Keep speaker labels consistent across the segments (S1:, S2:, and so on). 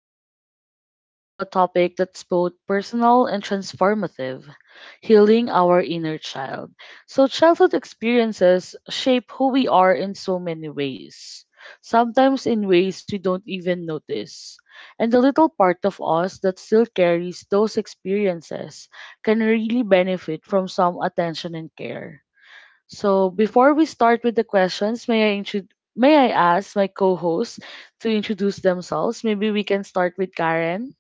S1: Today we're diving into a topic that's both personal and transformative, healing our inner child. Childhood experiences shape who we are in so many ways, sometimes in ways we don't even notice. And the little part of us that still carries those experiences can really benefit from some attention and care. So before we start with the questions, may I ask my co-hosts to introduce themselves? Maybe we can start with Karen.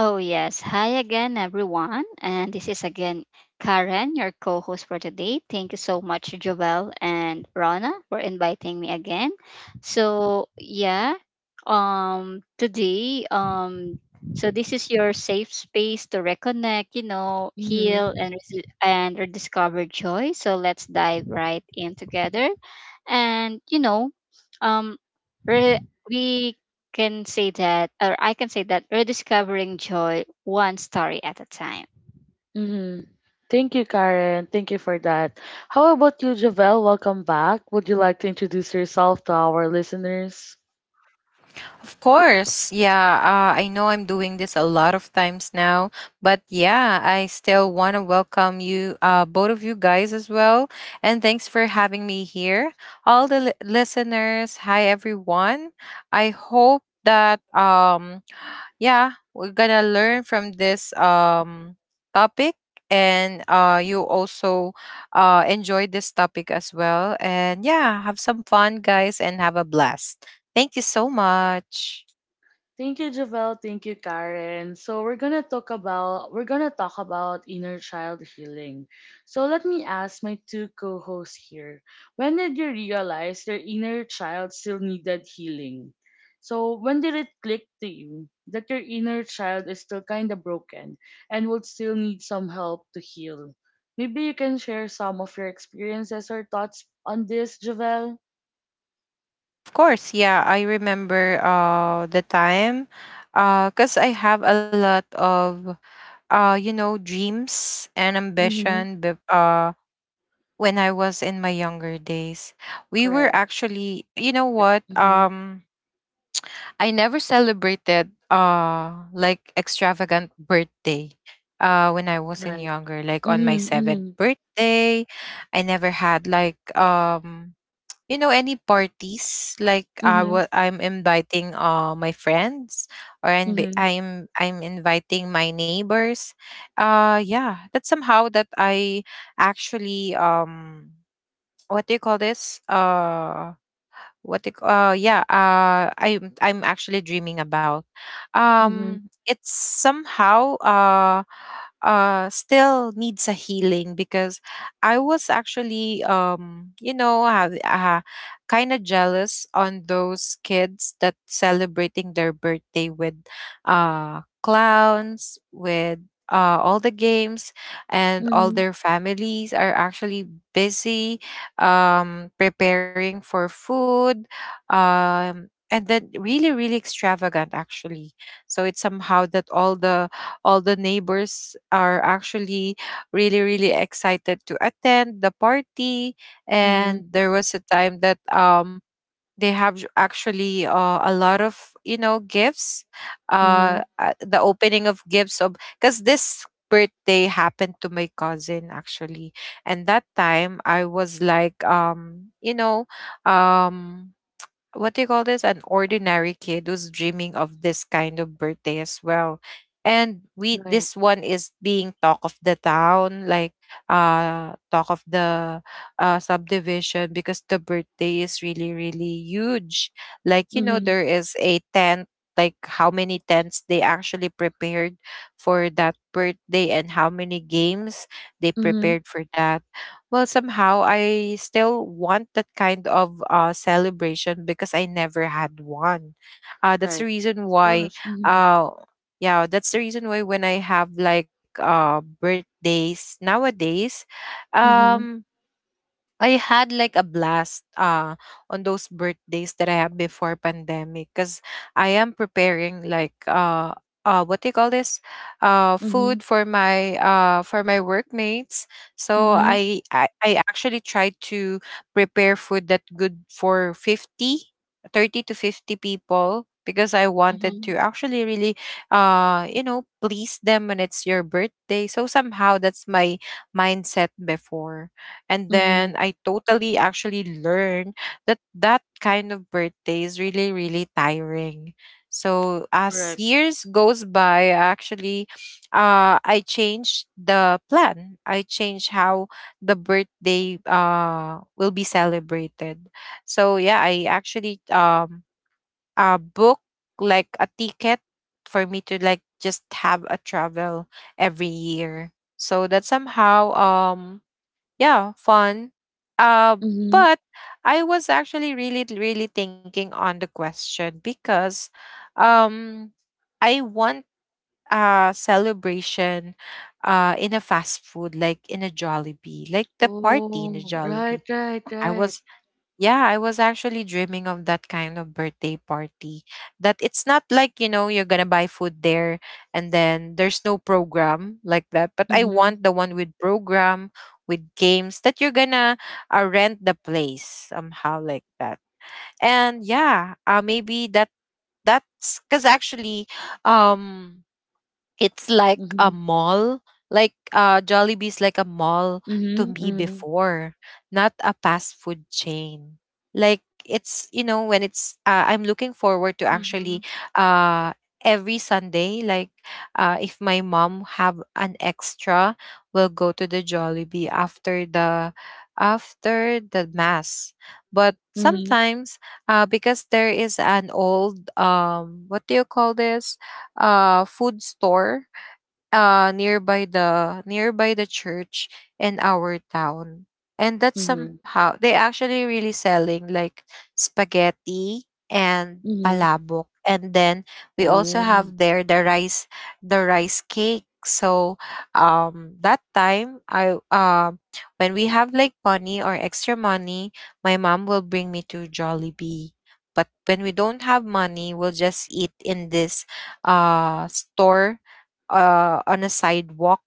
S2: Oh, yes. Hi again, everyone. And this is again Karen, your co host for today. Thank you so much, Joel and Rana, for inviting me again. So, yeah, today, so this is your safe space to reconnect, heal
S1: Mm-hmm.
S2: and and rediscover joy. So let's dive right in together, and um, re- we can say that, or I can say that, rediscovering joy one story at a time.
S1: Mm-hmm. Thank you, Karen. Thank you for that. How about you, Javel? Welcome back. Would you like to introduce yourself to our listeners?
S3: Of course. Yeah, I know I'm doing this a lot of times now, but yeah, I still want to welcome you, both of you guys as well. And thanks for having me here. All the listeners, hi everyone. I hope that yeah, we're gonna learn from this topic, and you also enjoyed this topic as well. And yeah, have some fun guys and have a blast. Thank you so much.
S1: Thank you, Javel. Thank you, Karen. So we're gonna talk about inner child healing. So let me ask my two co-hosts here. When did you realize your inner child still needed healing? So when did it click to you that your inner child is still kinda broken and would still need some help to heal? Maybe you can share some of your experiences or thoughts on this, Javel.
S3: Of course, yeah. I remember the time because I have a lot of you know dreams and
S1: Mm-hmm.
S3: ambition when I was in my younger days. We were
S1: Correct. Mm-hmm.
S3: actually you know what. I never celebrated like extravagant birthday when I was in
S1: Right.
S3: younger, like on my
S1: Mm-hmm.
S3: seventh
S1: Mm-hmm.
S3: birthday. I never had like you know any parties, like
S1: Mm-hmm.
S3: I'm inviting my friends, or I'm
S1: Mhm.
S3: I'm I'm inviting my neighbors. Yeah, that's somehow that I actually what do you call this? Yeah, I'm actually dreaming about
S1: Mhm.
S3: it's somehow still needs a healing because I was actually you know have, kind of jealous on those kids that celebrating their birthday with clowns, with all the games, and all
S1: Mhm.
S3: their families are actually busy preparing for food, and then really really extravagant actually. So it's somehow that all the neighbors are actually really really excited to attend the party.
S1: Mhm.
S3: And there was a time that they have actually, a lot of you know gifts,
S1: Mhm.
S3: the opening of gifts of because this birthday happened to my cousin actually. And that time I was like you know, um what do you call this? An ordinary kid who's dreaming of this kind of birthday as well. And we,
S1: Right.
S3: this one is being talk of the town, like talk of the subdivision because the birthday is really, really huge. Like, you know,
S1: Mhm.
S3: there is a tent, like how many tents they actually prepared for that birthday, and how many games they
S1: Mhm.
S3: prepared for that. Well, somehow I still want that kind of celebration because I never had one. That's the
S1: Right.
S3: reason
S1: Of
S3: why,
S1: course. Mhm.
S3: uh, yeah, that's the reason why when I have like birthdays nowadays,
S1: Mhm.
S3: um I had like a blast on those birthdays that I had before pandemic because I am preparing like what do you call this,
S1: Mhm.
S3: food for my workmates. So
S1: Mhm.
S3: I actually tried to prepare food that good for 50, 30 to 50 people because I wanted
S2: Mm-hmm.
S3: to actually really you know please them when it's your birthday. So somehow that's my mindset before. And
S1: Mhm.
S3: then I totally actually learned that that kind of birthday is really, really tiring. So as
S1: Correct.
S3: years goes by, actually, I changed the plan. I changed how the birthday will be celebrated. So yeah, I actually book like a ticket for me to like just have a travel every year. So that somehow yeah, fun. Uh,
S1: Mhm.
S3: but I was actually really, really thinking on the question because, um, I want a celebration in a fast food, like in a Jollibee, like the party in the
S1: Oh, right,
S3: Jollibee.
S1: right,
S3: I
S1: right.
S3: was Yeah, I was actually dreaming of that kind of birthday party. That it's not like, you know, you're gonna buy food there, and then there's no program like that. But I
S1: Mhm.
S3: want the one with program, with games that you're gonna rent the place somehow like that. And yeah, maybe that's because actually, um, it's like a
S1: Mhm.
S3: mall. Like, Jollibee's like a mall to
S1: Mhm.
S3: me
S1: Mhm.
S3: before, not a fast food chain. Like it's you know when it's, I'm looking forward to
S2: Mm-hmm.
S3: actually uh every Sunday, like if my mom have an extra, we'll go to the Jollibee after the mass. But
S1: Mhm.
S3: sometimes because there is an old what do you call this, food store nearby the church in our town. And that's
S1: Mhm.
S3: somehow they actually really selling like spaghetti and
S1: Mhm.
S3: palabok, and then we also
S1: Oh.
S3: have there the rice, the rice cake. So that time, I when we have like money or extra money, my mom will bring me to Jollibee. But when we don't have money, we'll just eat in this store, on a sidewalk,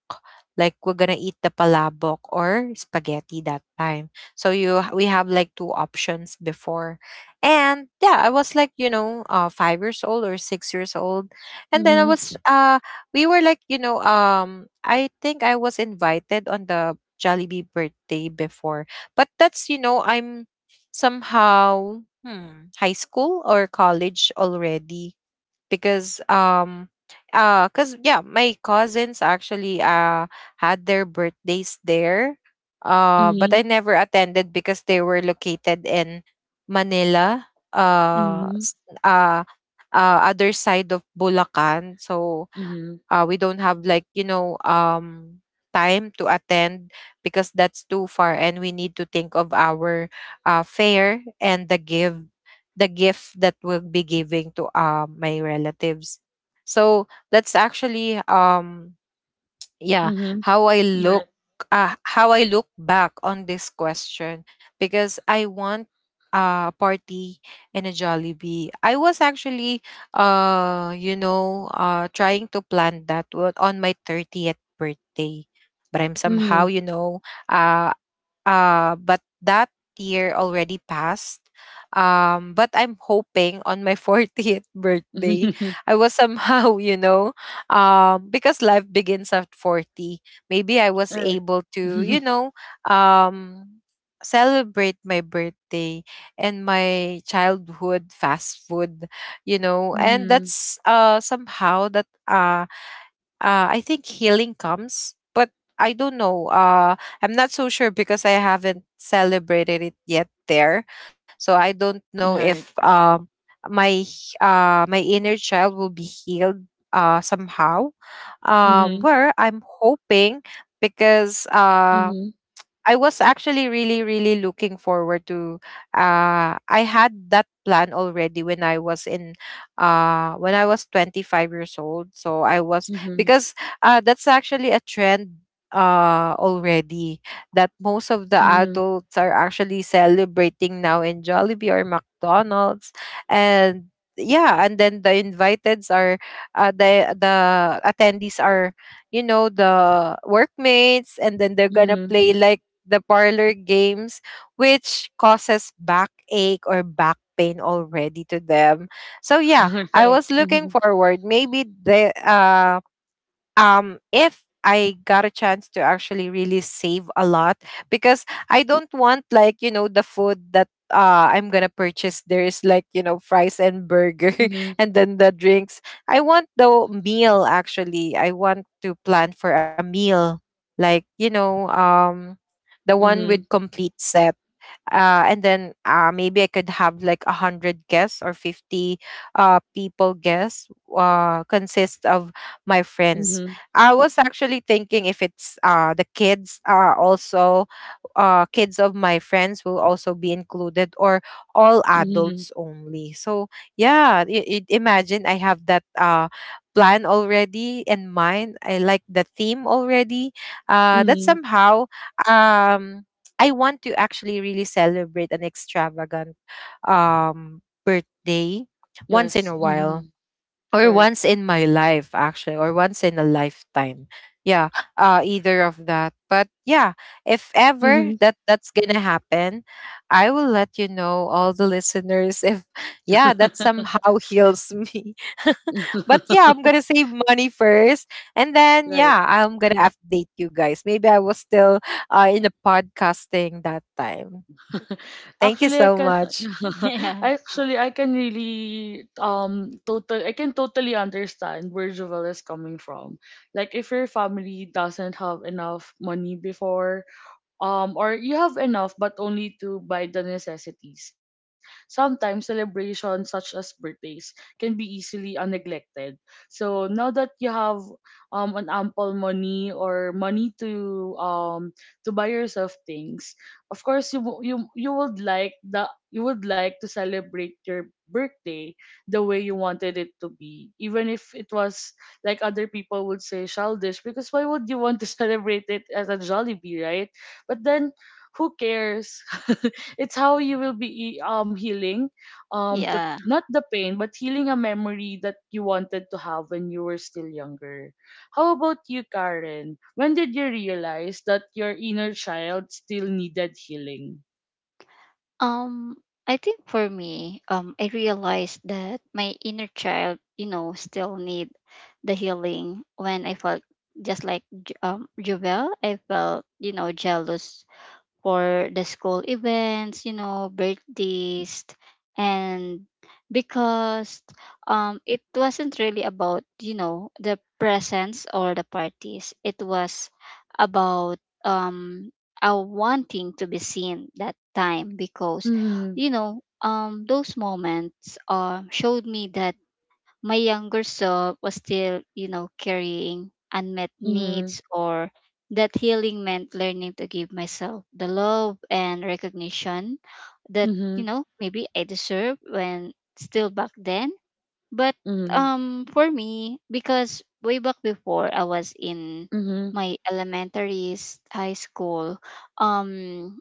S3: like we're gonna eat the palabok or spaghetti that time. So you, we have like two options before, and yeah, I was like you know 5 years old or 6 years old, and then I
S1: Mhm.
S3: was we were like you know I think I was invited on the Jollibee birthday before, but that's you know I'm somehow hmm, high school or college already because cuz yeah, my cousins actually had their birthdays there, but
S1: Mhm.
S3: I never attended because they were located in Manila, uh
S1: Mhm.
S3: s- uh other side of Bulacan. So
S1: Mhm.
S3: we don't have like you know time to attend because that's too far, and we need to think of our fare and the gift that we'll be giving to, my relatives. So that's actually yeah,
S1: Mhm.
S3: how I look,
S1: Right.
S3: how I look back on this question because I want a party and a Jollibee. I was actually you know trying to plan on my 30th birthday, but I'm somehow
S1: Mhm.
S3: you know uh but that year already passed. But I'm hoping on my 40th birthday, I was somehow, you know, because life begins at 40. Maybe I was
S1: Right.
S3: able to, you know, um, celebrate my birthday and my childhood fast food, you know. And
S1: Mhm.
S3: that's somehow that, I think healing comes, but I don't know. I'm not so sure because I haven't celebrated it yet there, so I
S1: Right.
S3: don't know if my inner child will be healed somehow.
S1: Mhm.
S3: Where I'm hoping, because
S1: Mhm.
S3: I was actually really, really looking forward to. I had that plan already when I was in, when I was 25 years old. So I was,
S1: Mhm.
S3: because that's actually a trend already that most of the
S1: Mhm. Mhm.
S3: adults are actually celebrating now in Jollibee or McDonald's. And yeah, and then the inviteds are, the attendees are you know the workmates, and then they're gonna
S1: Mhm.
S3: play like the parlor games, which causes backache or back pain already to them. So yeah, I
S1: Right.
S3: was looking
S1: Mhm.
S3: forward. Maybe the, if I got a chance to actually really save a lot, because I don't want like you know the food that I'm gonna purchase there is like you know fries and burger
S1: Mhm.
S3: and then the drinks. I want the meal actually. I want to plan for a meal like you know the one
S1: Mhm.
S3: with complete set, and then maybe I could have like 100 guests or 50 people guests, consist of my friends.
S1: Mhm.
S3: I was actually thinking if it's the kids, also kids of my friends will also be included, or all
S1: Mhm.
S3: adults only. So yeah, imagine I have that plan already in mind. I like the theme already, that
S1: Mhm.
S3: somehow, um, I want to actually really celebrate an extravagant um, birthday once in
S1: Yes.
S3: a while,
S1: Mhm.
S3: or
S1: Correct.
S3: once in my life actually, or once in a lifetime. Yeah, either of that. But yeah, if ever
S1: Mhm.
S3: that that's gonna happen, I will let you know all the listeners if yeah that somehow heals me. But yeah, I'm gonna save money first, and then
S1: Right.
S3: yeah, I'm gonna update you guys. Maybe I was still in the podcasting that time. Thank you
S1: Actually, I
S3: so
S1: can
S3: much.
S2: Yeah.
S1: actually I can really total I can totally understand where Jovel is coming from. Like if your family doesn't have enough money before, or you have enough but only to buy the necessities. Sometimes celebrations such as birthdays can be easily neglected. So now that you have an ample money or money to buy yourself things, of course you wo- you would like the you would like to celebrate your birthday the way you wanted it to be, even if it was, like, other people would say childish, because why would you want to celebrate it as a Jollibee, right? But then, who cares? It's how you will be healing, the
S2: Yeah.
S1: not the pain but healing a memory that you wanted to have when you were still younger. How about you, Karen? When did you realize that your inner child still needed healing?
S2: Um, I think for me, I realized that my inner child, still need the healing when I felt just like Jovel. I felt, jealous for the school events, birthdays, and because it wasn't really about, the presents or the parties. It was about, um, our wanting to be seen that time, because,
S1: Mhm.
S2: those moments showed me that my younger self was still, carrying unmet
S1: Mhm.
S2: needs, or that healing meant learning to give myself the love and recognition that,
S1: Mhm.
S2: maybe I deserve when still back then. But
S1: Mhm.
S2: for me, because way back before I was in my elementary high school, um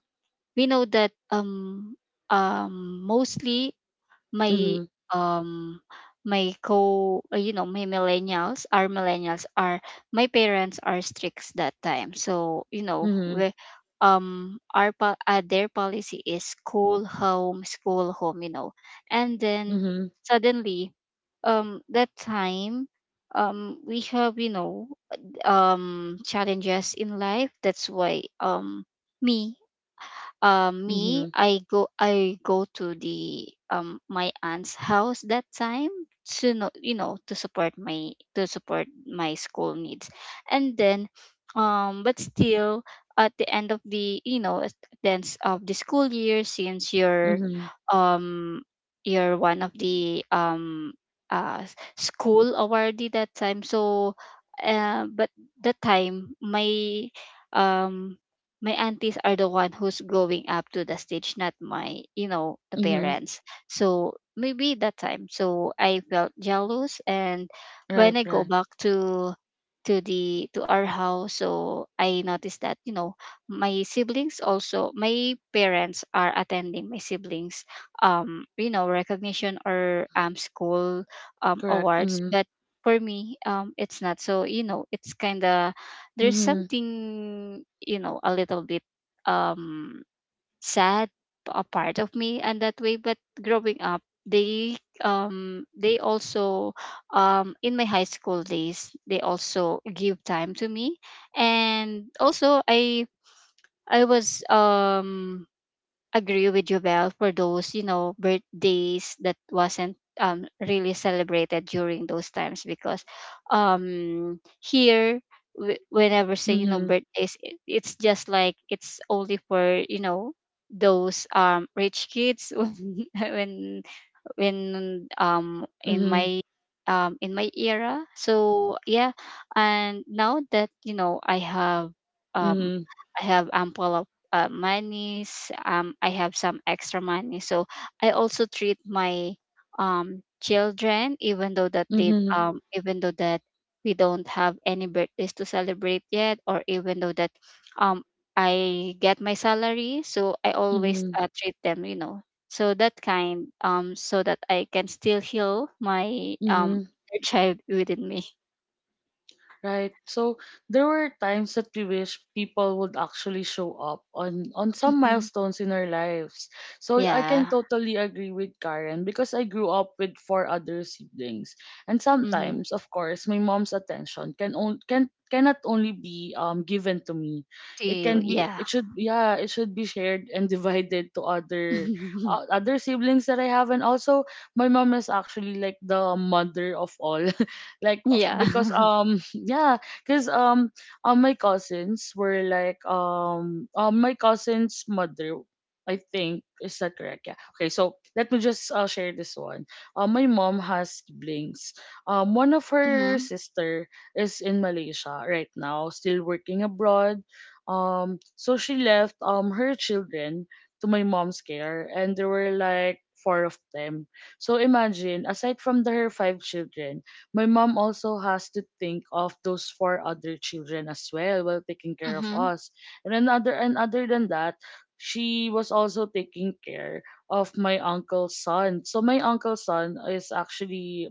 S2: we know that, mostly my
S1: Mhm.
S2: um my co my millennials, our millennials are, my parents are strict that time, so
S1: Mhm.
S2: we, our their policy is school home, school home, and then
S1: Mhm.
S2: suddenly, that time, we have, challenges in life, that's why me, me
S1: Mhm.
S2: I go to the, my aunt's house that time, to know, to support my, to support my school needs. And then, but still at the end of the, at the end of the school year, since you're,
S1: Mhm. Mhm.
S2: um you're one of the, school awardee that time, so but that time my, um my aunties are the one who's growing up to the stage, not my, the
S1: Mhm.
S2: parents. So maybe that time, so I felt jealous. And when
S1: Right,
S2: I go
S1: right.
S2: back to the, to our house, so I noticed that, my siblings, also my parents are attending my siblings, recognition or, school,
S1: Correct.
S2: awards.
S1: Mhm.
S2: But for me, it's not, so, it's kind of, there's
S1: Mhm.
S2: something, a little bit, um sad a part of me, and that way. But growing up, they, they also, in my high school days, they also give time to me. And also I was, agree with you, Belle. For those, birthdays that wasn't really celebrated during those times, because here, whenever say,
S1: Mhm.
S2: birthdays, it's just like it's only for, those rich kids when
S1: Mhm.
S2: in my era, so yeah. And now that, um
S1: Mhm.
S2: I have ample of, monies, I have some extra money, so I also treat my, children, even though that they,
S1: Mhm.
S2: even though that we don't have any birthdays to celebrate yet, or even though that um I get my salary, so I always
S1: Mm-hmm.
S2: treat them, so that kind, so that I can still heal my
S1: Mm-hmm.
S2: inner child within me.
S1: Right. So there were times that we wish people would actually show up on some
S2: Mm-hmm.
S1: milestones in our lives. So I can
S2: Yeah.
S1: totally agree with Karen because I grew up with four other siblings, and
S2: Mm-hmm.
S1: sometimes, of course, my mom's attention can on, can cannot only be given to me.
S2: To
S1: It
S2: you.
S1: can be,
S2: Yeah.
S1: it should yeah, it should be shared and divided to other other siblings that I have, and also my mom is actually like the mother of all. Like,
S2: Yeah.
S1: because yeah because my cousins were like, my cousin's mother, I think, is that correct? Yeah, okay, so let me just share this one. My mom has siblings. One of her
S2: Mm-hmm.
S1: sister is in Malaysia right now, still working abroad. So she left her children to my mom's care, and there were like four of them. So imagine, aside from her five children, my mom also has to think of those four other children as well while taking care of
S2: Mm-hmm.
S1: us. And another and other than that, she was also taking care of my uncle's son. So my uncle's son is actually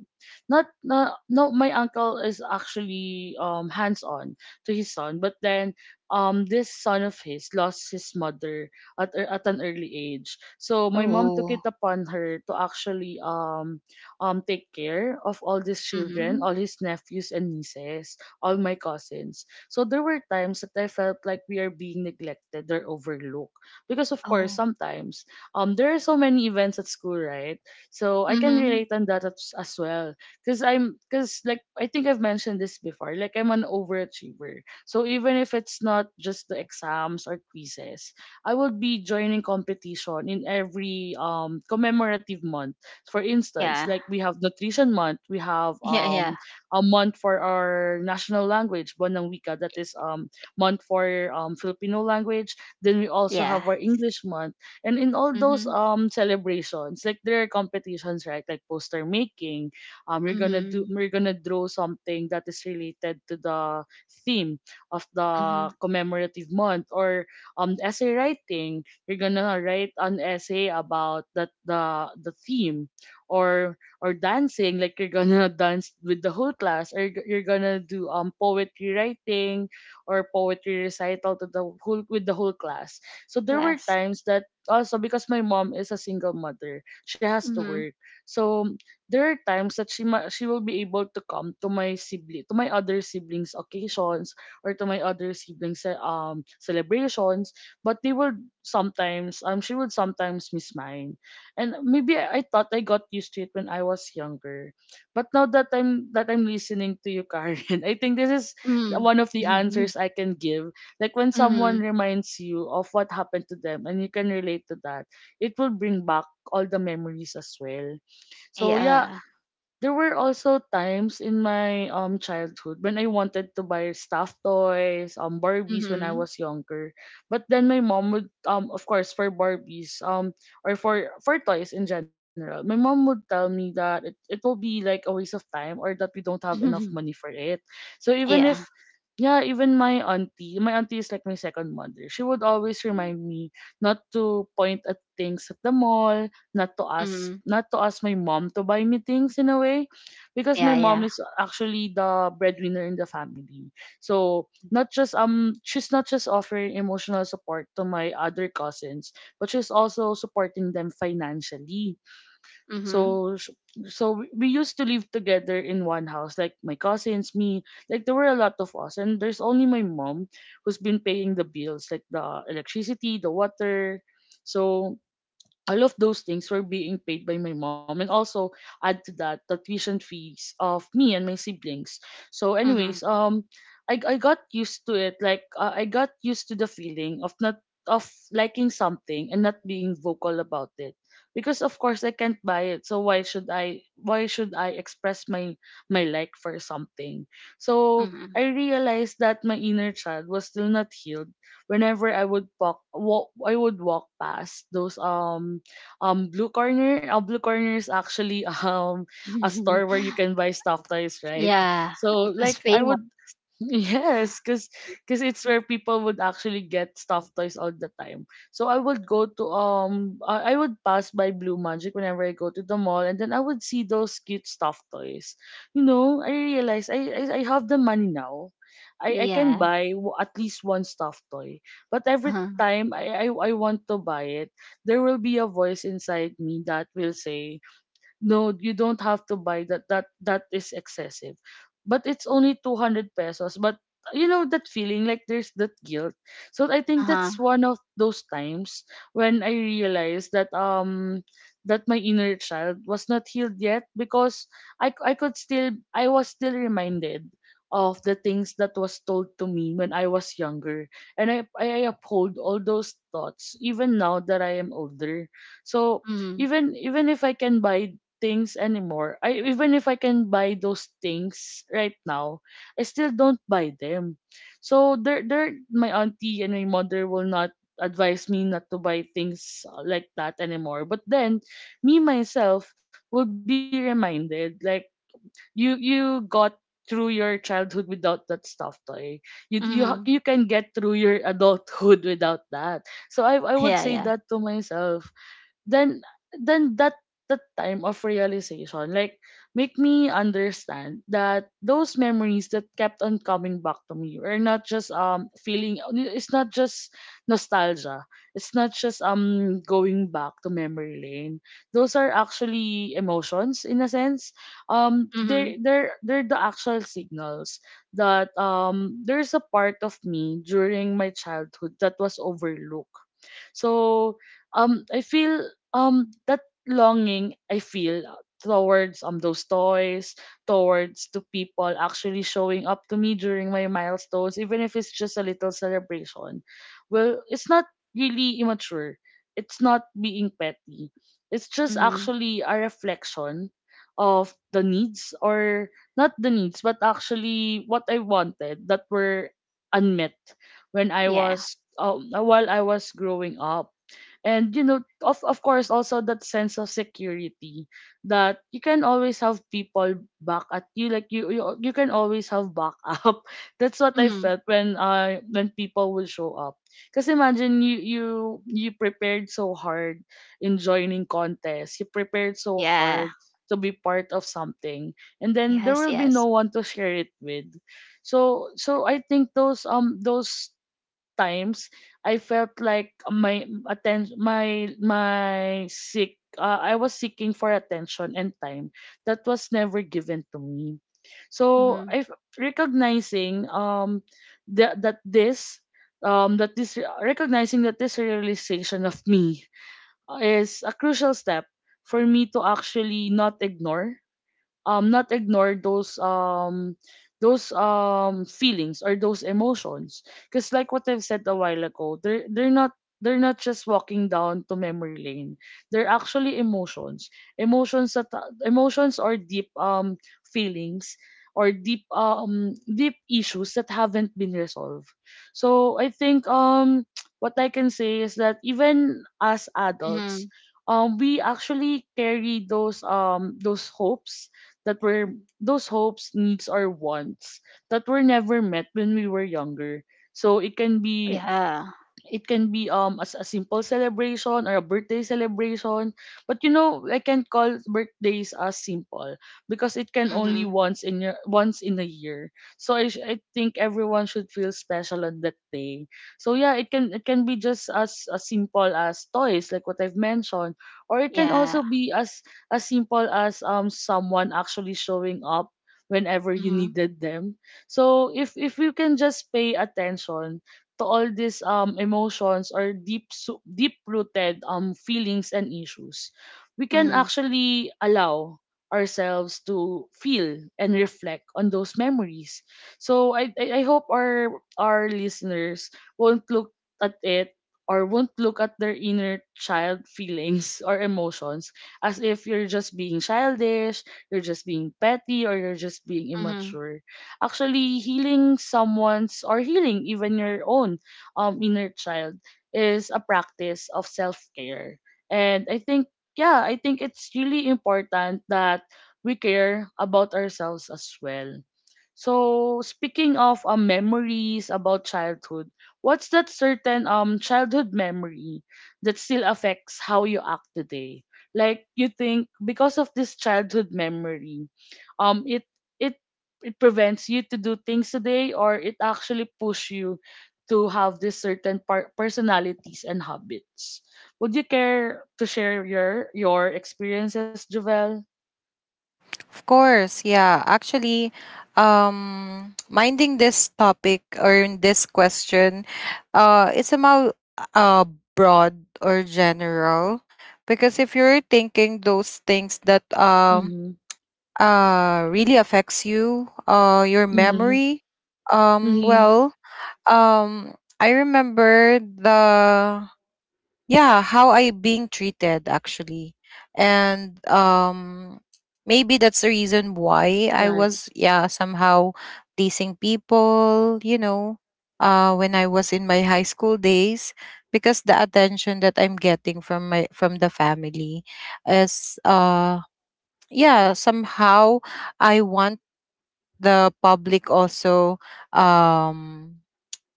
S1: not no, no, my uncle is actually hands on to his son, but then this son of his lost his mother at an early age. So my mom took it
S2: Oh.
S1: upon her to actually take care of all these children,
S2: Mm-hmm.
S1: all his nephews and nieces, all my cousins. So there were times that I felt like we are being neglected or overlooked because of course
S2: Oh.
S1: sometimes there are so many events at school, right? So I can
S2: Mm-hmm.
S1: relate on as well, because I'm because like I think I've mentioned this before. Like, I'm an overachiever, so even if it's not just the exams or quizzes, I will be joining competition in every commemorative month. For instance,
S2: Yeah,
S1: like, we have Nutrition Month, we have
S2: yeah, yeah,
S1: a month for our national language, Bonang Wika, that is month for Filipino language. Then we also
S2: yeah.
S1: have our English month. And in all those
S2: Mm-hmm.
S1: celebrations, like, there are competitions, right? Like poster making.
S2: Mm-hmm.
S1: We're gonna draw something that is related to the theme of the
S2: Mm-hmm.
S1: commemorative month, or essay writing. You're gonna write an essay about that the theme, or dancing, like you're gonna dance with the whole class, or you're gonna do poetry writing or poetry recital to the whole with the whole class. So there were
S2: Glass.
S1: times that also, because my mom is a single mother, she has to
S2: Mm-hmm.
S1: work. So there are times that she will be able to come to my other siblings occasions or to my other siblings celebrations, but they would sometimes, she would sometimes miss mine. And maybe I thought I got used to it when I was younger, but now that I'm listening to you, Karen, I think this is one of the
S2: Mm-hmm.
S1: answers I can give. Like, when someone
S2: Mm-hmm.
S1: reminds you of what happened to them, and you can relate to that, it will bring back all the memories as well. So yeah,
S2: Yeah.
S1: there were also times in my childhood when I wanted to buy stuffed toys, Barbies, when I
S2: Mm-hmm.
S1: was younger. But then my mom would, of course, for Barbies, or for toys in general, my mom would tell me that it will be like a waste of time, or that we don't have enough money for it. So even if,
S2: Yeah.
S1: yeah, even my auntie is like my second mother. She would always remind me not to point at things at the mall,
S2: Mm-hmm.
S1: not to ask my mom to buy me things in a way, because
S2: Yeah,
S1: my
S2: yeah.
S1: mom is actually the breadwinner in the family. So not just, she's not just offering emotional support to my other cousins, but she's also supporting them financially.
S2: Mm-hmm.
S1: so sh- so we used to live together in one house, like my cousins, me, like there were a lot of us, and there's only my mom who's been paying the bills, like the electricity, the water. So all of those things were being paid by my mom, and also add to that the tuition fees of me and my siblings. So
S2: Mm-hmm.
S1: anyways, I got used to it. I got used to the feeling of not, of liking something and not being vocal about it, because of course I can't buy it, so why should I express my, my like for something. So
S2: Mm-hmm.
S1: I realized that my inner child was still not healed whenever I would walk, walk I would walk past those blue corner. Blue corner is actually a store where you can buy stuff toys, right?
S2: Yeah,
S1: So
S2: it was
S1: like I
S2: famous.
S1: would, yes, because it's where people would actually get stuffed toys all the time. So I would go to um, I would pass by Blue Magic whenever I go to the mall, and then I would see those cute stuffed toys. You know, I realized I have the money now. I can
S2: Yeah.
S1: at least one stuffed toy, but every
S2: Uh-huh.
S1: time I I want to buy it, there will be a voice inside me that will say, no, you don't have to buy that is excessive. But it's only 200 pesos, but you know that feeling, like there's that guilt. So I think
S2: Uh-huh.
S1: that's one of those times when I realized that my inner child was not healed yet, because I c- I could still I was still reminded of the things that was told to me when I was younger, and I uphold all those thoughts even now that I am older. So
S2: Mm.
S1: even, even if I can buy things anymore. I even if I can buy those things right now, I still don't buy them. So there, my auntie and my mother will not advise me not to buy things like that anymore. But then me myself will be reminded like you got through your childhood without that stuff toy. You you ha-
S2: Mm.
S1: you can get through your adulthood without that. So I would
S2: Yeah,
S1: say
S2: yeah.
S1: that to myself. Then then that time of realization like make me understand that those memories that kept on coming back to me are not just feeling. It's not just nostalgia. It's not just going back to memory lane. Those are actually emotions, in a sense. um
S2: Mm.
S1: they they're they're the actual signals that there's a part of me during my childhood that was overlooked. So I feel that longing I feel towards those toys, towards the people actually showing up to me during my milestones, even if it's just a little celebration. Well, it's not really immature. It's not being petty. It's just
S2: Mm.
S1: actually a reflection of the needs, or not the needs, but actually what I wanted that were unmet when I
S2: Yeah.
S1: was while I was growing up. And of course, also that sense of security, that you can always have people back at you. Like you can always have backup. That's what I
S2: Mm.
S1: felt when people will show up, because imagine you prepared so hard in joining contests, you prepared so
S2: Yeah.
S1: hard to be part of something, and then there
S2: Yes,
S1: will be
S2: yes.
S1: no one to share it with. So I think those times I felt like my attention my my seek I was seeking for attention and time that was never given to me. So
S2: Mm.
S1: I, recognizing that this, that this recognizing that this realization of me is a crucial step for me to actually not ignore, not ignore those feelings or those emotions, because like what I've said a while ago, they're not, they're not just walking down to memory lane. They're actually emotions, emotions that, emotions or deep feelings, or deep issues that haven't been resolved. So I think what I can say is that even as adults
S2: Mm.
S1: we actually carry those hopes that were, those hopes, needs, or wants that were never met when we were younger. So it can be,
S2: Yeah.
S1: it can be as a simple celebration or a birthday celebration, but you know I can call birthdays as simple because it can only
S2: Mm.
S1: once in your, once in a year. So I think everyone should feel special on that day. So yeah, it can be just as simple as toys, like what I've mentioned, or it can
S2: Yeah.
S1: also be as simple as someone actually showing up whenever you
S2: Mm.
S1: needed them. So if you can just pay attention to all these emotions or deep, deep rooted feelings and issues, we can
S2: Mm.
S1: actually allow ourselves to feel and reflect on those memories. So I hope our listeners won't look at it, or won't look at their inner child feelings or emotions as if you're just being childish, you're just being petty, or you're just being
S2: Mm.
S1: immature. Actually, healing someone's, or healing even your own inner child, is a practice of self-care, and I think, yeah, I think it's really important that we care about ourselves as well. So, speaking of memories about childhood, what's that certain childhood memory that still affects how you act today? Like, you think because of this childhood memory, um it it it prevents you to do things today, or it actually push you to have this certain personalities and habits. Would you care to share your experiences, Jovel?
S3: Of course, yeah. Actually, minding this topic or in this question, it's somehow uh broad or general, because if you're thinking those things that
S1: Mm-hmm.
S3: really affects you, your
S1: Mm-hmm.
S3: memory,
S1: Mm-hmm.
S3: well, um, I remember the yeah how I being treated actually and maybe that's the reason why I
S1: Right.
S3: was, yeah, somehow pleasing people, you know, when I was in my high school days, because the attention that I'm getting from my from the family is yeah somehow I want the public also um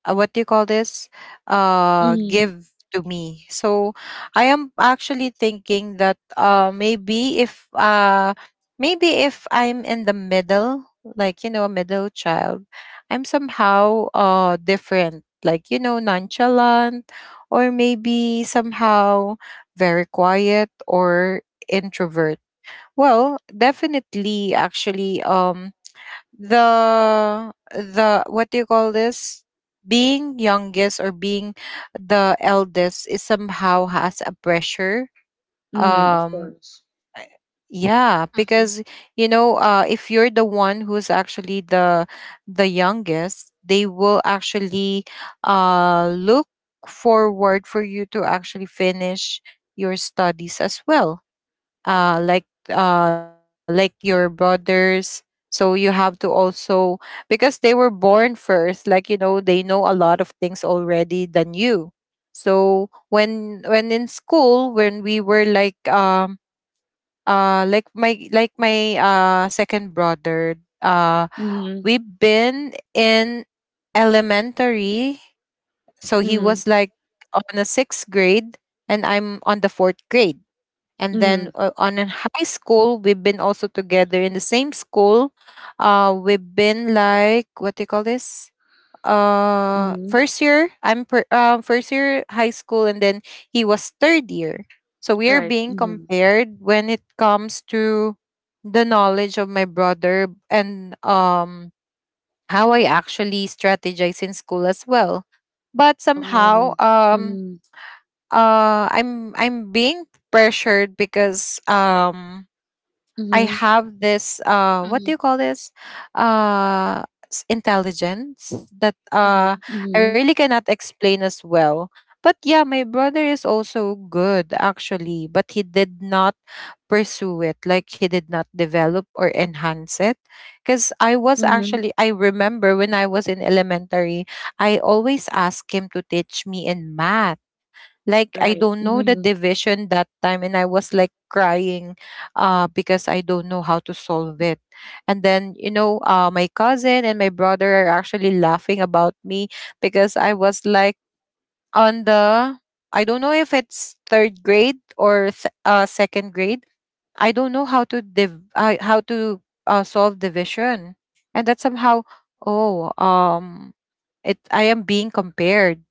S3: what do you call this,
S1: Mm-hmm.
S3: give to me. So I am actually thinking that maybe if I'm in the middle, like, you know, a middle child, I'm somehow different, like, you know, nonchalant, or maybe somehow very quiet or introvert. Well, definitely actually, um, the what do you call this, being youngest or being the eldest is somehow has a pressure.
S1: Mm-hmm. Of
S3: um
S1: course.
S3: I- yeah
S2: Mm.
S3: because, you know, if you're the one who's actually the youngest, they will actually look forward for you to actually finish your studies as well, like your brothers. So you have to also, because they were born first, like, you know, they know a lot of things already than you. So when in school, when we were like my second brother, uh,
S1: Mm-hmm.
S3: we've been in elementary, so he
S1: Mm-hmm.
S3: was like on the sixth grade and I'm on the fourth grade. And
S1: Mm-hmm.
S3: then on in high school we've been also together in the same school. We've been like, what do you call this,
S1: Mm-hmm.
S3: first year high school, and then he was third year. So we are
S1: Right.
S3: being
S1: Mm-hmm.
S3: compared when it comes to the knowledge of my brother. And um, how I actually strategize in school as well. But somehow
S1: Oh. Mm-hmm.
S3: i'm being pressured, because um, I
S1: Mm-hmm.
S3: have this what do
S2: Mm.
S3: you call this, uh intelligence that
S2: Mm.
S3: I
S1: Mm-hmm.
S3: really cannot explain as well. But yeah, my brother is also good actually, but he did not pursue it, like he did not develop or enhance it. Because I was
S1: Mm-hmm.
S3: actually, I remember when I was in elementary, I always asked him to teach me in math, like I
S1: Right.
S3: don't know the
S1: Mm-hmm.
S3: division that time, and I was like crying because I don't know how to solve it. And then, you know, my cousin and my brother are actually laughing about me, because I was like on the, I don't know if it's third grade or second grade. I don't know how to solve division. And that somehow, oh um it, I am being compared,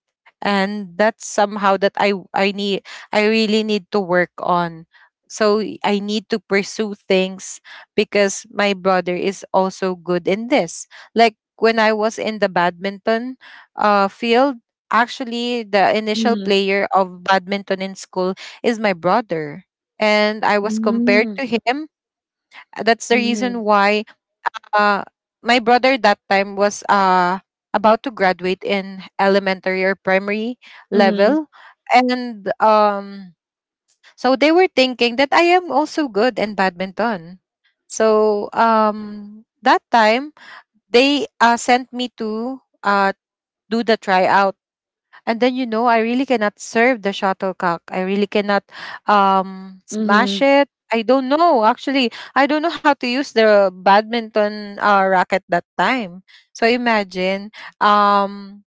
S3: and that's somehow that i need, I really need to work on. So I need to pursue things, because my brother is also good in this. Like when I was in the badminton field, actually the initial
S1: Mm-hmm.
S3: player of badminton in school is my brother, and I was compared
S1: Mm-hmm.
S3: to him. That's the reason
S1: Mm-hmm.
S3: why uh my brother that time was about to graduate in elementary or primary
S1: Mm-hmm.
S3: level. And so they were thinking that I am also good in badminton. So um, that time they sent me to do the tryout. And then, you know, I really cannot serve the shuttlecock, I really cannot smash
S1: Mm-hmm.
S3: it, I don't know actually, I don't know how to use the badminton racket that time. So imagine, um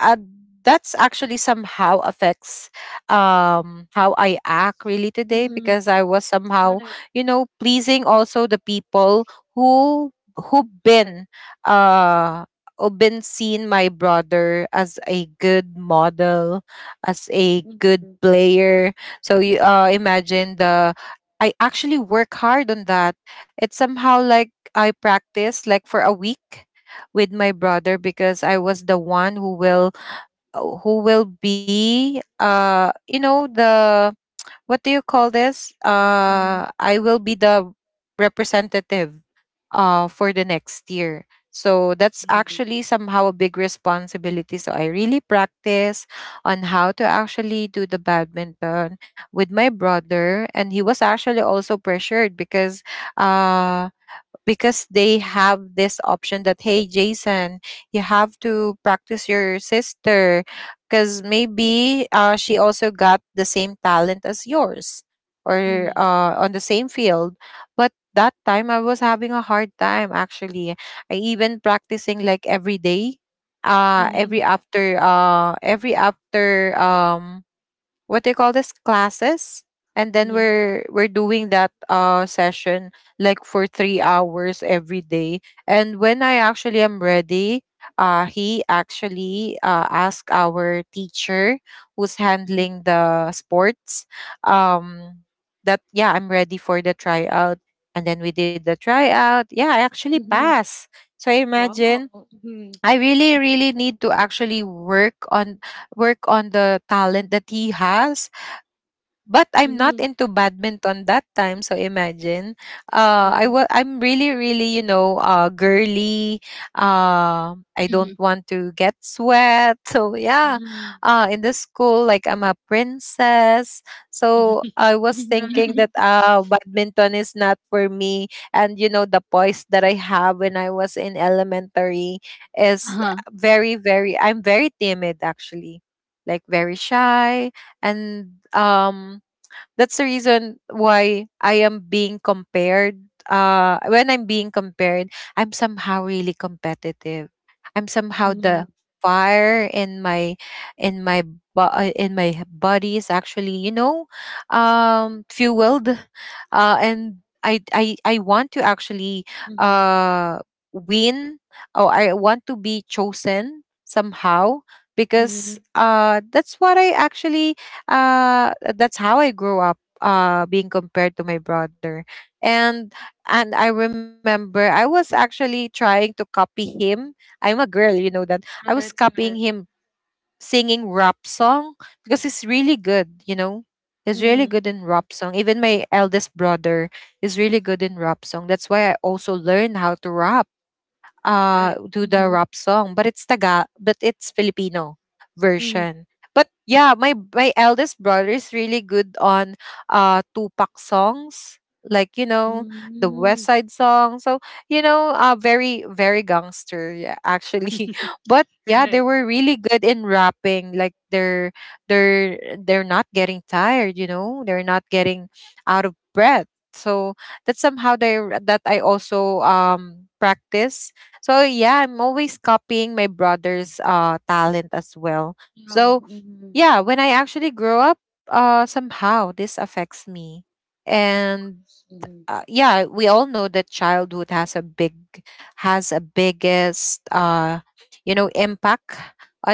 S3: uh, that's actually somehow affects how I act really today,
S1: Mm-hmm.
S3: because I was somehow,
S1: Right,
S3: you know, pleasing also the people who who
S1: correct.
S3: been uh who been seen my brother as a good model, as a good
S1: Mm-hmm,
S3: player. So you imagine the, I actually work hard on that. It's somehow like I practice like for a week with my brother, because I was the one who will be you know the, what do you call this,
S1: mm-hmm,
S3: I will be the representative for the next year. So that's
S1: mm-hmm,
S3: actually somehow a big responsibility, so I really practice on how to actually do the badminton with my brother. And he was actually also pressured, uh because they have this option that, hey Jason, you have to practice your sister, because maybe she also got the same talent as yours, or on the same field. But that time I was having a hard time actually, I even practicing like every day,
S1: mm-hmm, mm-hmm,
S3: every after what do you call this, classes. And then
S1: mm-hmm,
S3: we're doing that session like for 3 hours every day. And when I actually am ready, he actually asked our teacher who's
S1: mm-hmm.
S3: handling the sports um that, yeah, I'm ready for the tryout. And then we did the tryout, yeah, I actually
S1: Mm-hmm.
S3: pass. So imagine,
S1: Wow. Mm-hmm,
S3: I really really need to actually work on, work on the talent that he has. But I'm not
S1: mm-hmm,
S3: into badminton that time, so imagine.
S1: right.
S3: I'm really really, you know, uh, girly. I don't
S2: Mm.
S3: want to get sweat. So yeah.
S1: Mm-hmm,
S3: Uh, in the school, like I'm a princess. So I was
S1: right.
S3: thinking that badminton is not for me. And you know the poise that I have when I was in elementary is
S2: Uh-huh.
S3: very very, I'm very timid actually. Like very shy. And that's the reason why I am being compared. When I'm being compared, I'm somehow really competitive. I'm somehow
S1: Mm-hmm,
S3: the fire in in my my body is actually, you know, fueled. And I want to actually
S1: mm-hmm,
S3: uh win, or I want to be chosen somehow, because
S1: mm-hmm,
S3: that's what I actually, that's how I grew up, uh, being compared to my brother. And and I remember I was actually trying to copy him. I'm a girl, you know that. I was
S1: right,
S3: copying
S1: right.
S3: him, singing rap song, because he's really good, you know. He's really
S1: Mm-hmm,
S3: good in rap song. Even my eldest brother is really good in rap song. That's why I also learned how to rap,
S1: right.
S3: do the
S1: Mm-hmm,
S3: rap song, but it's Filipino
S1: mm-hmm,
S3: version. But yeah, my eldest brother is really good on Tupac songs, like, you know, the West
S1: mm-hmm.
S3: Side song. So, you know, very very gangster, yeah, actually. But yeah, they
S1: Right.
S3: were really good in rapping. Like they're not getting tired. You know, they're not getting out of breath. So that's somehow they that I also practice. So yeah, I'm always copying my brother's talent as well.
S1: Yeah.
S3: So
S1: Mm-hmm.
S3: yeah, when I actually grow up, somehow this affects me.
S1: Of
S3: And
S1: course. Mm-hmm.
S3: yeah, we all know that childhood has a big, has a biggest you know, impact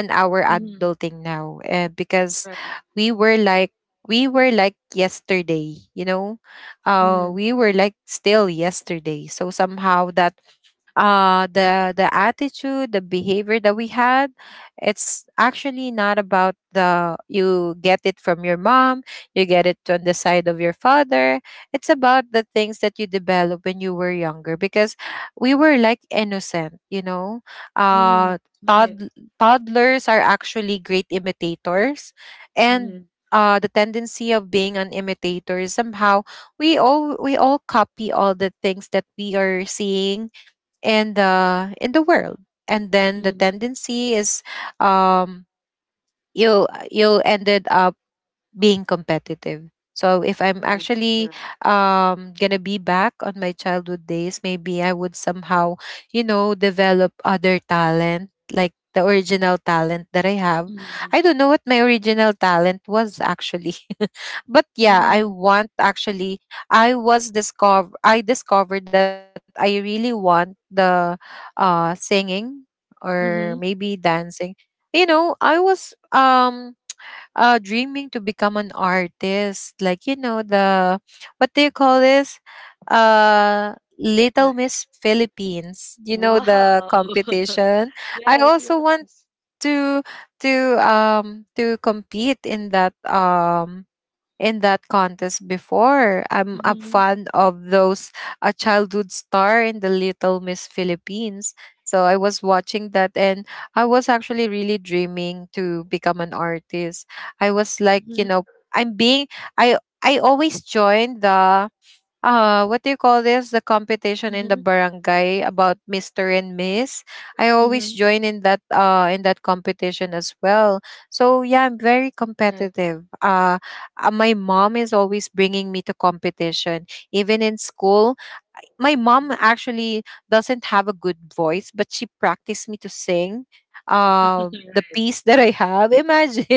S3: on our
S1: Mm-hmm.
S3: adulting now, because
S1: Right.
S3: we were like we were like yesterday, you know. Uh,
S1: Mm-hmm.
S3: we were like still yesterday. So somehow that the attitude, the behavior that we had, it's actually not about the, you get it from your mom, you get it on the side of your father, it's about the things that you develop when you were younger. Because we were like innocent, you know. Uh
S1: Mm-hmm. Right.
S3: tod- Toddlers are actually great imitators. and
S1: Mm-hmm.
S3: uh, the tendency of being an imitator is somehow, we all copy all the things that we are seeing in the world. And then the
S1: Mm-hmm.
S3: tendency is, um you, you ended up being competitive. So if I'm actually
S1: Correct.
S3: gonna be back on my childhood days, maybe I would somehow, you know, develop other talent, like the original talent that I have.
S1: Mm-hmm.
S3: I don't know what my original talent was actually. But yeah, I
S1: Mm-hmm.
S3: want actually, I discovered that I really want the singing, or
S1: Mm-hmm.
S3: maybe dancing. You know, I was dreaming to become an artist, like, you know, the, what do you call this, little
S1: Right.
S3: miss philippines, you know,
S1: Wow.
S3: the competition, I
S1: Yes,
S3: also want
S1: yes.
S3: to, to compete in that um, in that contest before. I'm a
S1: Mm-hmm.
S3: fan of those, a childhood star in the Little Miss Philippines. So I was watching that, and I was actually really dreaming to become an artist. I was like, you
S1: Mm-hmm.
S3: know, I'm being I always join the what do you call this, the competition in
S1: Mm-hmm.
S3: the barangay about mr and miss. I always
S1: Mm-hmm.
S3: join in that competition as well. So yeah, I'm very
S1: Right.
S3: competitive, my mom is always bringing me to competition, even in school. My mom actually doesn't have a good voice, but she practiced me to sing the piece that I have.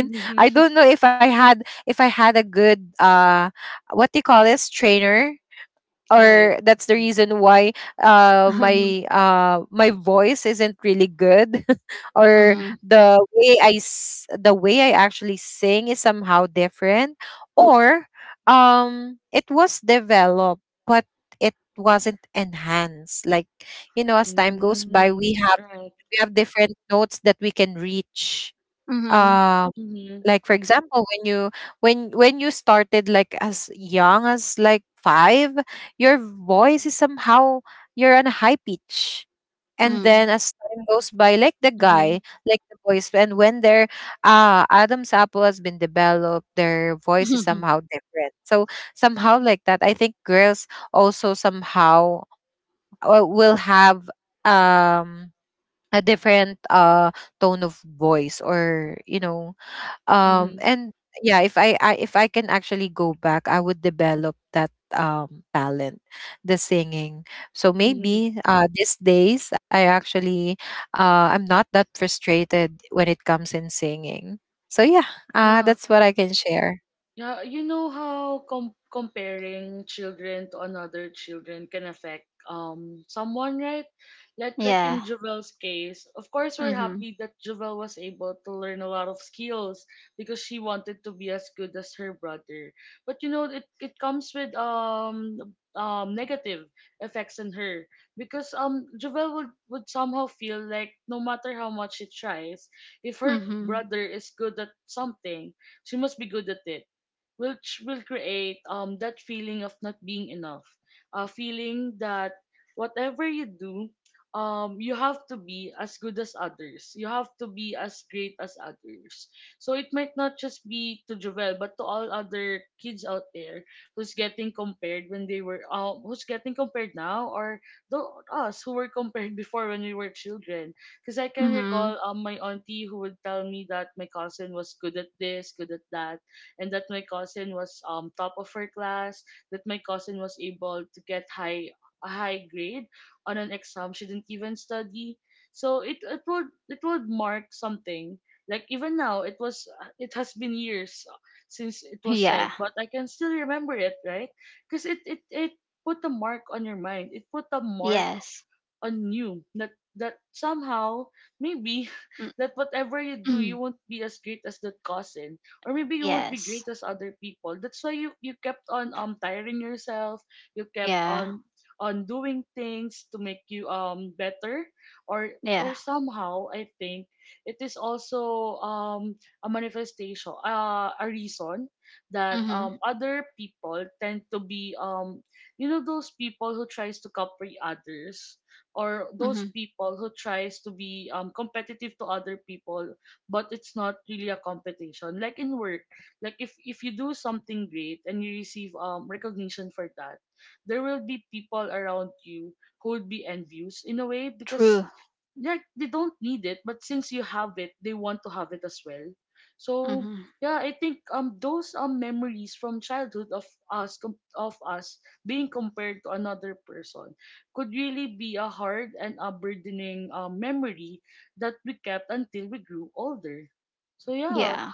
S1: Right.
S3: I
S1: Mm-hmm.
S3: don't know if I had a good what do you call this, trainer, or
S1: Right.
S3: that's the reason why
S2: Mhm.
S3: my voice isn't really good. Or
S2: Mhm.
S3: the way the way I actually sing is somehow different, or it was developed but it wasn't enhanced. Like, you know, as time
S1: Mm-hmm.
S3: goes by, we
S1: Mm-hmm.
S3: have,
S1: Right.
S3: we have different notes that we can reach.
S2: Mhm.
S3: um
S1: Mm-hmm.
S3: like for example, when you started, like, as young as like five, your voice is somehow, you're on a high pitch.
S2: Mhm.
S3: And then
S2: Mhm.
S3: as time goes by, like the
S1: Mm-hmm.
S3: guy, like the voice, and when their adam's apple has been developed, their voice is somehow different. So somehow like that, I think girls also somehow will have um a different tone of voice, or you know,
S1: Mm-hmm.
S3: and yeah, if I can actually go back, I would develop that talent, the singing. So
S1: Mm-hmm.
S3: maybe these days I actually, I'm not that frustrated when it comes in singing. So yeah,
S1: Yeah.
S3: that's what I can share.
S1: Yeah, you know how comparing children to another children can affect someone, right? Like in
S2: Yeah.
S1: Jovel's case, of course we're
S2: Mhm.
S1: happy that Jovel was able to learn a lot of skills because she wanted to be as good as her brother. But you know, it comes with negative effects on her, because Jovel would somehow feel like no matter how much she tries, if her
S2: Mhm.
S1: brother is good at something, she must be good at it, which will create that feeling of not being enough, a feeling that whatever you do, you have to be as good as others, you have to be as great as others. So it might not just be to Jovel, but to all other kids out there who's getting compared, when they were who's getting compared now, or the us who were compared before when we were children, because I can recall
S2: Mhm.
S1: my auntie who would tell me that my cousin was good at this, good at that, and that my cousin was top of her class, that my cousin was able to get high a high grade on an exam she didn't even study. So it would mark something. Like, even now, it has been years since it was said,
S2: Yeah.
S1: but I can still remember it, right? Because it put a mark on your mind. It put a mark
S2: Yes.
S1: on you that somehow, maybe, that whatever you do you won't be as great as that cousin, or maybe you won't be
S2: Yes.
S1: great as other people. That's why you kept on tiring yourself, you kept
S2: Yeah.
S1: on doing things to make you better. or
S2: Yeah.
S1: or somehow, I think it is also a manifestation, a reason that
S2: Mhm.
S1: other people tend to be those people who tries to copy others, or those
S2: Mhm.
S1: people who tries to be competitive to other people. But it's not really a competition. Like, in work, like, if you do something great and you receive recognition for that, there will be people around you who would be envious, in a way, because,
S2: True.
S1: like, they don't need it, but since you have it they want to have it as well. So
S2: Mhm.
S1: yeah, I think those memories from childhood of of us being compared to another person could really be a hard and a burdening memory that we kept until we grew older. So yeah,
S2: Yeah.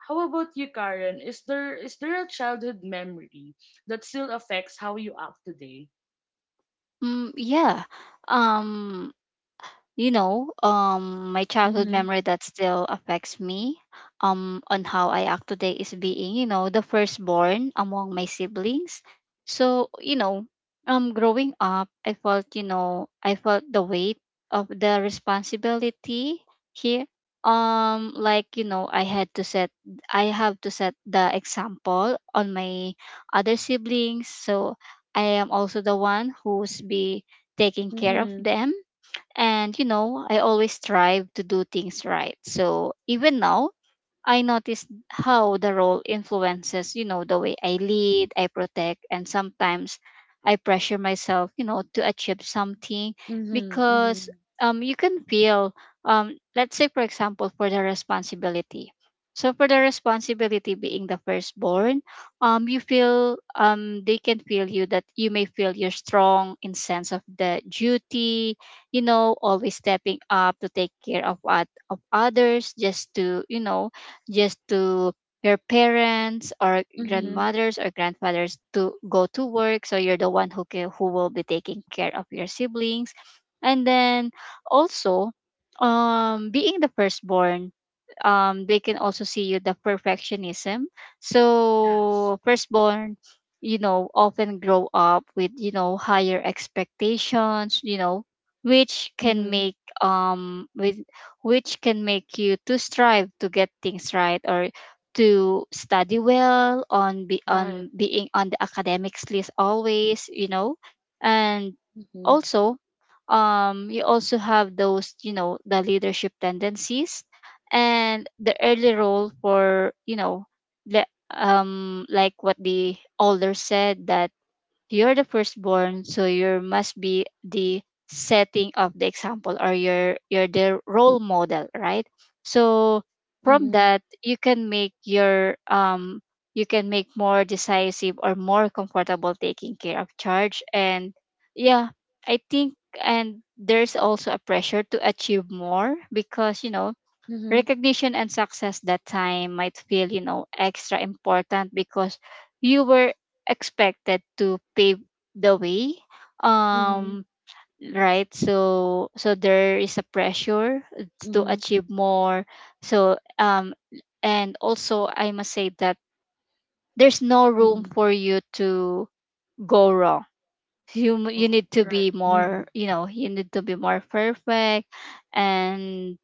S1: how about you, Karen? Is there a childhood memory that still affects how you act today?
S2: Mm, yeah. Um my childhood
S1: Mhm.
S2: memory that still affects me, on how I act today is being, the firstborn among my siblings. So, growing up, I felt the weight of the responsibility here. Like, I have to set the example on my other siblings. So I am also the one who's be taking care of
S1: Mhm.
S2: them, and I always strive to do things right. So even now, I noticed how the role influences, the way I lead, I protect, and sometimes I pressure myself, to achieve something,
S1: Mhm. Mhm.
S2: because you can feel, let's say for example, for the responsibility. So for the responsibility being the firstborn, you feel, they can feel you that you may feel you're strong in sense of the duty, always stepping up to take care of what of others, just to, just to your parents or
S1: Mhm.
S2: grandmothers or grandfathers, to go to work, so you're the one who who will be taking care of your siblings. And then also, being the firstborn, they can also see you the perfectionism.
S1: Yes.
S2: So firstborn, often grow up with, higher expectations, which can
S1: Mhm.
S2: make with which can make you to strive to get things right, or to study well on, be
S1: Right.
S2: on, being on the academics list always, and
S1: Mhm.
S2: also, you also have those, the leadership tendencies and the early role for, the, like what the older said, that you're the firstborn, so you must be the setting of the example, or you're the role model, right? So from
S1: Mhm.
S2: that, you can make your, you can make more decisive or more comfortable taking care of charge. And yeah, I think, and there's also a pressure to achieve more, because,
S1: Mhm.
S2: recognition and success that time might feel, extra important, because you were expected to pave the way,
S1: Mhm.
S2: um right? So, there is a pressure to
S1: Mhm.
S2: achieve more. So, and also I must say that there's no room
S1: Mhm.
S2: for you to go wrong. You you
S1: Oh,
S2: need to
S1: right.
S2: be
S1: Mhm.
S2: more, you need to be more perfect. And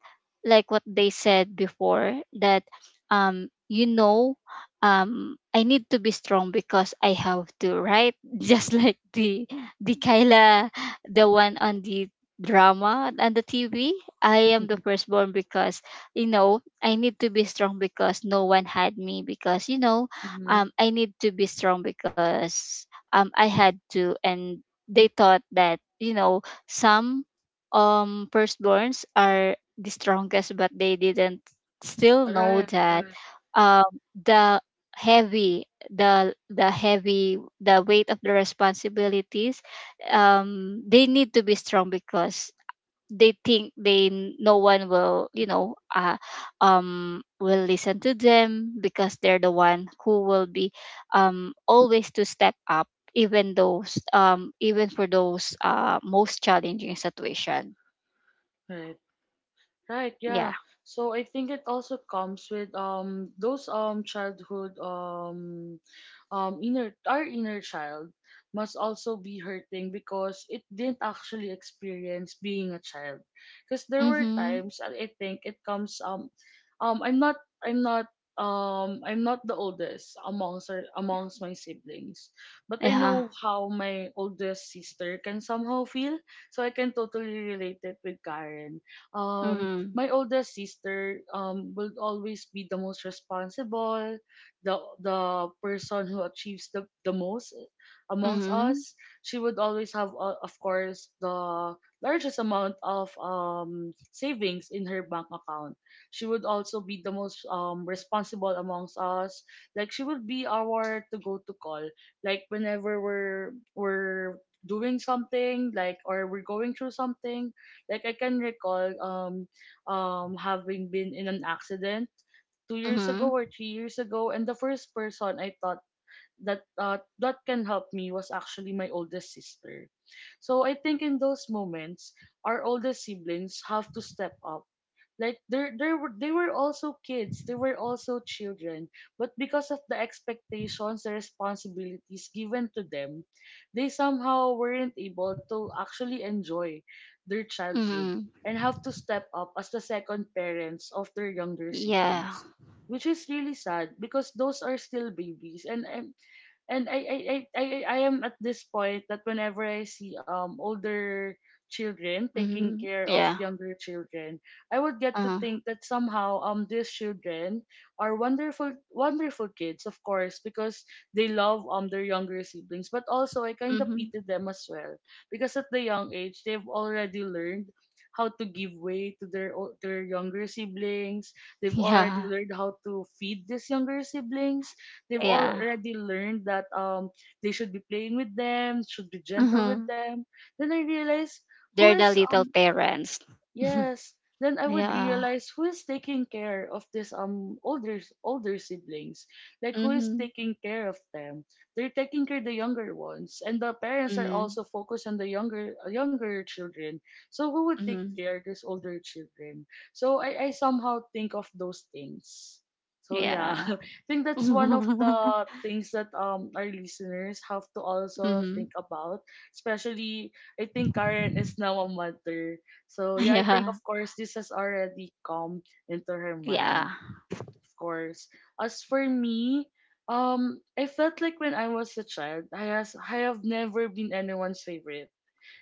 S2: like what they said before, that, um you know I need to be strong because I have to, right? Just like the Kyla, the one on the drama on the TV. I am the firstborn because, I need to be strong because no one had me, because,
S1: Mhm.
S2: I need to be strong because, I had to. And they thought that, some, firstborns are the strongest, but they didn't still
S1: Right.
S2: know
S1: Right.
S2: that, um the the heavy the weight of the responsibilities. They need to be strong because they think they, no one will, will listen to them, because they're the one who will be, always to step up, even those, even for those most challenging situation.
S1: Right. Right,
S2: Yeah.
S1: yeah. So I think it also comes with those childhood, inner our inner child must also be hurting because it didn't actually experience being a child. Because there were
S2: Mm-hmm.
S1: times, and I think it comes, um I'm not I'm not I'm not the oldest amongst amongst my siblings, but I
S2: Yeah.
S1: know how my oldest sister can somehow feel, so I can totally relate it with Karen. um
S2: Mm-hmm.
S1: my oldest sister will always be the most responsible, the the person who achieves the most amongst
S2: Mm-hmm.
S1: us. She would always have, of course, the largest amount of savings in her bank account. She would also be the most responsible amongst us. Like, she would be our to go to call. Like, whenever we're doing something, like, or we're going through something, like, I can recall having been in an accident 2 years ago
S2: Mm-hmm.
S1: or 3 years ago. And the first person I thought that can help me was actually my oldest sister. So I think in those moments, our oldest siblings have to step up. Like, they were also kids, they were also children, but because of the expectations, the responsibilities given to them, they somehow weren't able to actually enjoy their childhood
S2: Mm-hmm.
S1: and have to step up as the second parents of their younger
S2: Yeah.
S1: siblings, which is really sad because those are still babies, and I am at this point that whenever I see older children taking
S2: Mm-hmm.
S1: care of
S2: Yeah.
S1: younger children, I would get to
S2: uh
S1: think that somehow these children are wonderful, wonderful kids, of course, because they love their younger siblings. But also, I kind of
S2: mm-hmm.
S1: pity them as well, because at the young age they've already learned how to give way to their their younger siblings. They've already
S2: Yeah,
S1: learned how to feed these younger siblings. They've
S2: yeah.
S1: already learned that they should be playing with them, should be gentle with
S2: Mm-hmm.
S1: them. Then I realized who
S2: They're
S1: is
S2: the little parents.
S1: Yes. Then I would
S2: Yeah.
S1: realize who is taking care of this older siblings. Like who is
S2: Mm-hmm.
S1: taking care of them? They're taking care of the younger ones, and the parents are
S2: Mhm,
S1: also focused on the younger younger children. So who would take
S2: mhm.
S1: care of these older children? So I somehow think of those things. So yeah,
S2: Yeah.
S1: I think that's one of the things that our listeners have to also
S2: Mhm.
S1: think about. Especially, I think Karen is now a mother. So yeah, I think
S2: Yeah.
S1: of course this has already come into her mind.
S2: Yeah.
S1: Of course. As for me, I felt like when I was a child, I have never been anyone's favorite.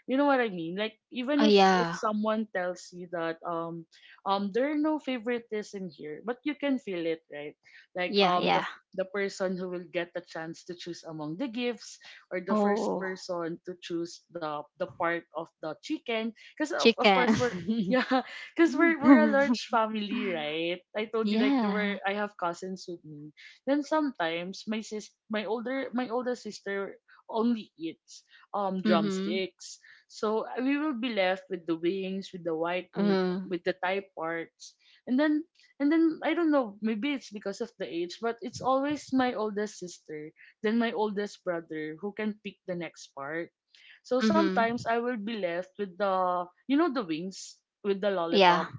S1: You know what I mean, like even
S2: Oh,
S1: if
S2: yeah.
S1: someone tells you that there are no favoritism here, but you can feel it, right? Like
S2: Yeah, yeah.
S1: the person who will get the chance to choose among the gifts, or the first
S2: Oh,
S1: person to choose the part of the chicken, because of course
S2: chicken.
S1: we're— yeah, because we're a large family, right? I told you, like there were—
S2: Yeah.
S1: I have cousins with me. Then sometimes my older sister only eats
S2: Mm-hmm.
S1: drumsticks. So we will be left with the wings, with the white meat,
S2: Mm.
S1: with the thigh parts, and then and then I don't know. Maybe it's because of the age, but it's always my oldest sister, then my oldest brother, who can pick the next part. So
S2: Mm-hmm.
S1: sometimes I will be left with, the you know, the wings, with the
S2: Yeah.
S1: lollipop.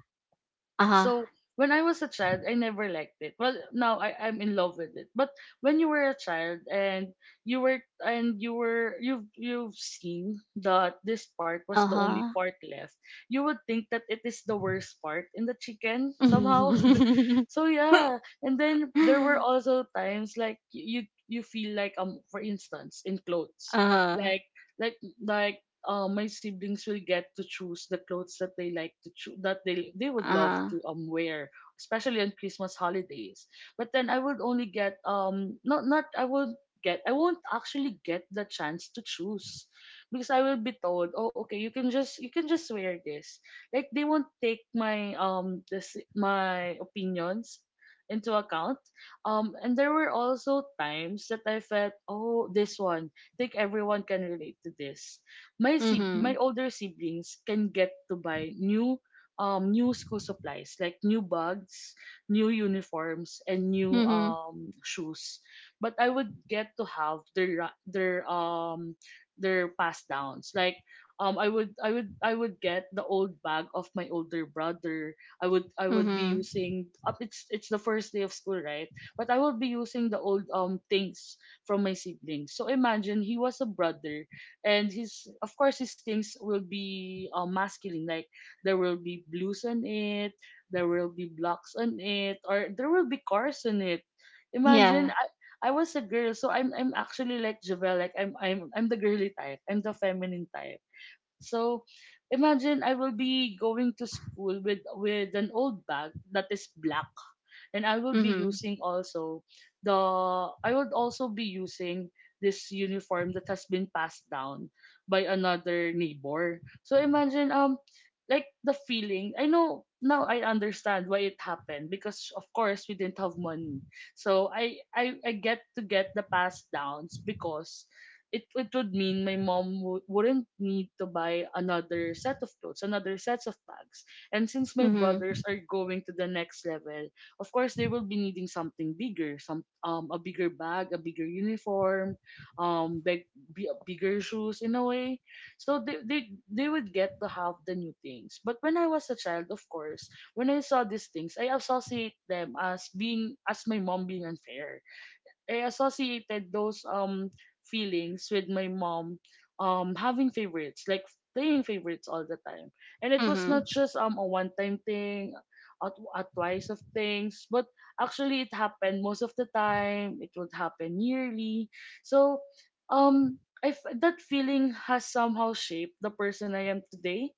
S2: Uh-huh.
S1: So when I was a child, I never liked it. Well, now I'm in love with it. But when you were a child and you were— you've seen that this part was the only
S2: Uh-huh.
S1: part left, you would think that it is the worst part in the chicken somehow. So yeah, and then there were also times like you— you feel like, for instance, in clothes,
S2: Uh-huh.
S1: like like like my siblings will get to choose the clothes that they like to choose, that they would love
S2: Uh-huh.
S1: to wear, especially on Christmas holidays. But then I would only get not not I would get I won't actually get the chance to choose, because I will be told, oh okay, you can just— you can just wear this. Like they won't take my this my opinions into account. And there were also times that I felt, oh, this one, think everyone can relate to this. My
S2: Mm-hmm.
S1: older siblings can get to buy new new school supplies, like new bags, new uniforms, and new
S2: Mm-hmm.
S1: shoes, but I would get to have their pass downs, like I would get the old bag of my older brother. I would be
S2: Mm-hmm.
S1: using up— it's the first day of school, right? But I would be using the old things from my siblings. So imagine he was a brother, and his— of course his things will be masculine, like there will be blues on it, there will be blocks on it, or there will be cars on it. Imagine
S2: Yeah.
S1: I— I was a girl, so I'm actually like Javel, like I'm the girly type. I'm the feminine type. So imagine I will be going to school with— with an old bag that is black, and I will be
S2: Mm-hmm.
S1: using also the— I would also be using this uniform that has been passed down by another neighbor. So imagine, like, the feeling. I know now I understand why it happened, because of course we didn't have money. So I get to get the pass downs because it would mean wouldn't need to buy another set of clothes, another sets of bags. And since my
S2: Mm-hmm.
S1: brothers are going to the next level, of course they will be needing something bigger, some— a bigger bag, a bigger uniform, um big, bigger shoes, in a way. So they would get to have the new things. But when I was a child, of course, when I saw these things, I associate them as being— as my mom being unfair. I associated those feelings with my mom having favorites, like playing favorites all the time. And it was not
S2: Mm-hmm.
S1: just a one time thing, a twice of things, but actually it happened most of the time. It would happen yearly. So um that feeling has somehow shaped the person I am today.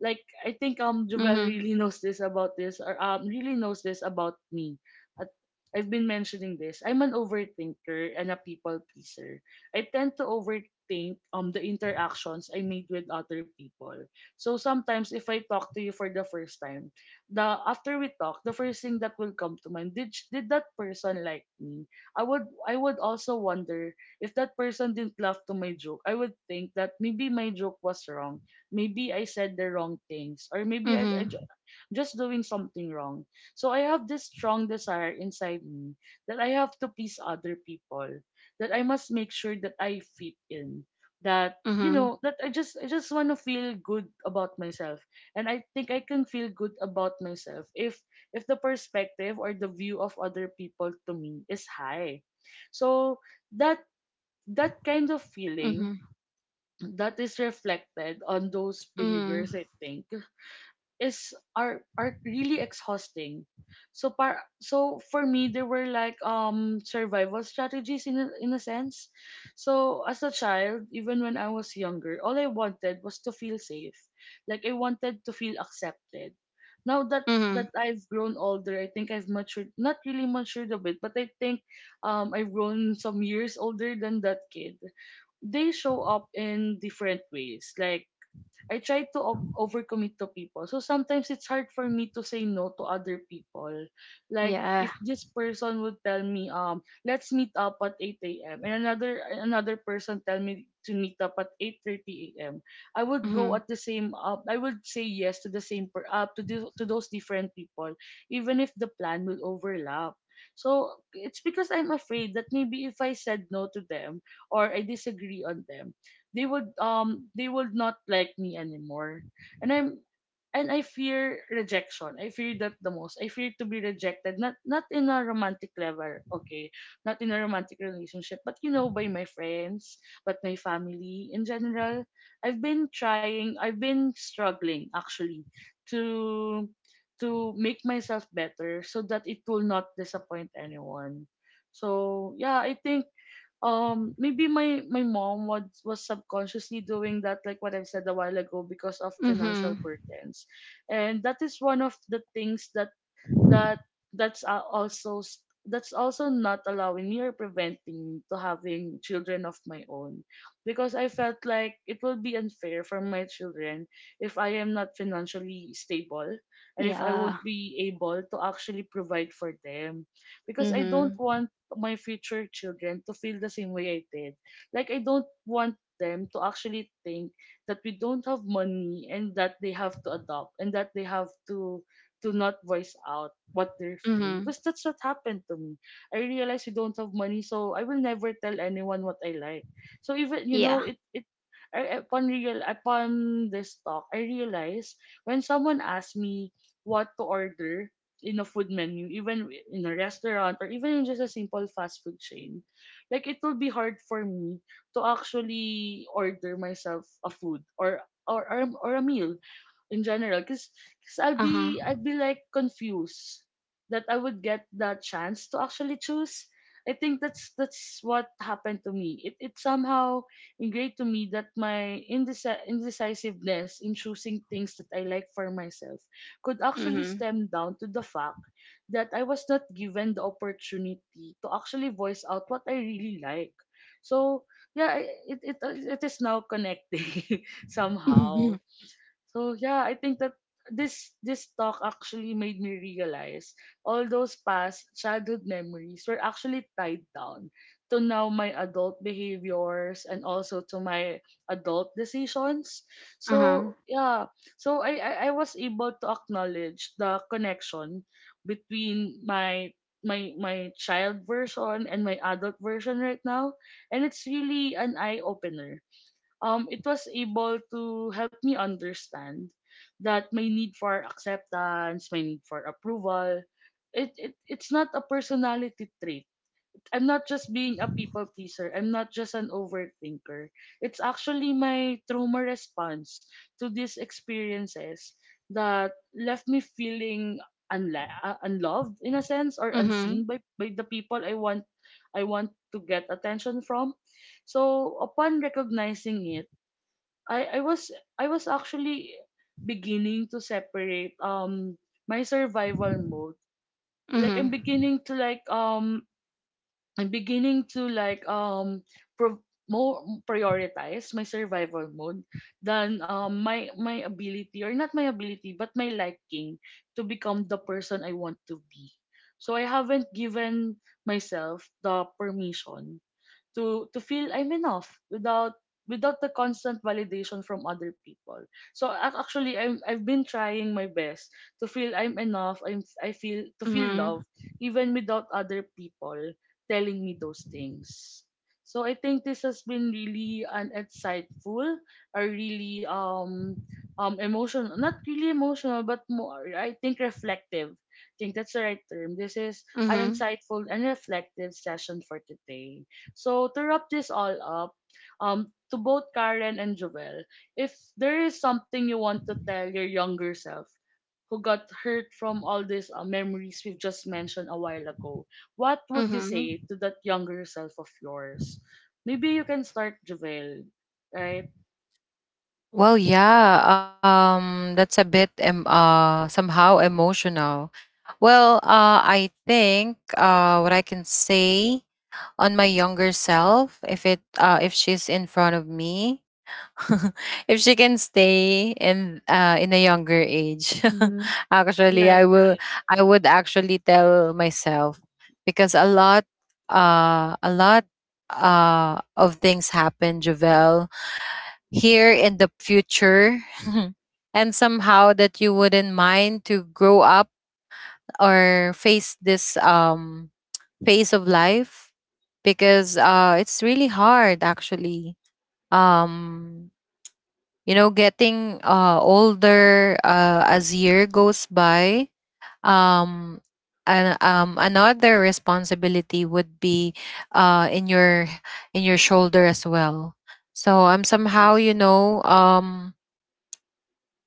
S1: Like I think Jovel
S2: Mm-hmm.
S1: really knows this, or really knows this about me. At- I've been mentioning this. I'm an overthinker and a people pleaser. I tend to overthink the interactions I made with other people. So sometimes if I talk to you for the first time, the after we talk, the first thing that will come to mind, did that person like me? I would also wonder if that person didn't laugh to my joke. I would think that maybe my joke was wrong, maybe I said the wrong things, or maybe
S2: Mm-hmm.
S1: just doing something wrong. So I have this strong desire inside me, that I have to please other people, that I must make sure that I fit in, that, you
S2: Mm-hmm.
S1: know, that I just want to feel good about myself, and I think I can feel good about myself if— if the perspective or the view of other people to me is high. So that— that kind of feeling, that is reflected on those
S2: Mm-hmm.
S1: behaviors, I think is are— are really exhausting. So par so for me there were like survival strategies, in a sense. So as a child, even when I was younger, all I wanted was to feel safe. Like I wanted to feel accepted. Now that— that
S2: Mm-hmm.
S1: I've grown older, I think I've matured— not really matured a bit, but I think I've grown some years older than that kid. They show up in different ways. Like I try to overcommit to people. So sometimes it's hard for me to say no to other people. Like
S2: Yeah.
S1: if this person would tell me, let's meet up at 8 a.m., and another person tell me to meet up at 8:30 a.m., I would go
S2: Mhm.
S1: at the same I would say yes to the same per to those different people, even if the plan will overlap. So it's because I'm afraid that maybe if I said no to them or I disagree on them, they would not like me anymore. And I fear rejection. I fear that the most. I fear to be rejected, not in a romantic level, okay, not in a romantic relationship, but, you know, by my friends, but my family in general. I've been struggling, actually, to— to make myself better, so that it will not disappoint anyone. So yeah, I think maybe my mom was subconsciously doing that, like what I've said a while ago, because of financial
S2: Mhm.
S1: burdens. And that is one of the things that— that— that's also not allowing me, or preventing me, to having children of my own, because I felt like it will be unfair for my children if I am not financially stable, and if I
S2: Yeah.
S1: won't be able to actually provide for them. Because I don't
S2: Mhm.
S1: want my future children to feel the same way I did. Like, I don't want them to actually think that we don't have money, and that they have to adopt, and that they have to— to not voice out what they're feeling,
S2: Mhm.
S1: because that's what happened to me. I realized we don't have money, so I will never tell anyone what I like. So even, you
S2: Yeah.
S1: know, it I, upon real upon this talk, I realized, when someone asks me what to order in a food menu, even in a restaurant, or even in just a simple fast food chain, like it will be hard for me to actually order myself a food, or— or a meal in general, because
S2: Uh-huh.
S1: I'd be like confused that I would get the chance to actually choose. I think that's— that's what happened to me. It somehow ingrained to me that my indecisiveness in choosing things that I like for myself could actually
S2: Mhm.
S1: stem down to the fact that I was not given the opportunity to actually voice out what I really like. So yeah, it is now connecting
S2: Mhm.
S1: somehow. So yeah, I think that this talk actually made me realize all those past childhood memories were actually tied down to now my adult behaviors and also to my adult decisions.
S2: Uh-huh.
S1: So yeah, so I was able to acknowledge the connection between my child version and my adult version right now, and it's really an eye opener. It was able to help me understand that my need for acceptance, my need for approval, it's not a personality trait. I'm not just being a people pleaser. I'm not just an overthinker. It's actually my trauma response to these experiences that left me feeling unloved in a sense, or
S2: Mhm.
S1: unseen by the people I want to get attention from. So upon recognizing it, I was, I was actually beginning to separate my survival mode. Like I'm
S2: Mhm.
S1: beginning to like I'm beginning to like more prioritize my survival mode than my ability, or not my ability but my liking, to become the person I want to be. So I haven't given myself the permission to feel I'm enough without, without the constant validation from other people. So actually I've been trying my best to feel I'm enough. I'm I feel To feel
S2: Mhm.
S1: love even without other people telling me those things. So I think this has been really an insightful, a really emotional, not really emotional but more I think reflective. I think that's the right term. This is an
S2: Mhm.
S1: insightful and reflective session for today. So to wrap this all up, to both Karen and Joel, if there is something you want to tell your younger self who got hurt from all these memories we've just mentioned a while ago, what would you
S2: Mhm.
S1: say to that younger self of yours? Maybe you can start, Joel, right?
S3: Well, yeah, that's a bit somehow emotional. Well, I think what I can say on my younger self, if it, if she's in front of me, if she can stay in a younger age.
S1: Mm-hmm.
S3: Actually,
S1: Right, right,
S3: I would actually tell myself, because a lot of things happen, Javel, here in the future. And somehow that you wouldn't mind to grow up or face this pace of life, because it's really hard actually. Um, you know, getting older as year goes by. Um, and another responsibility would be in your, in your shoulder as well. So I'm somehow, you
S1: yes.
S3: know,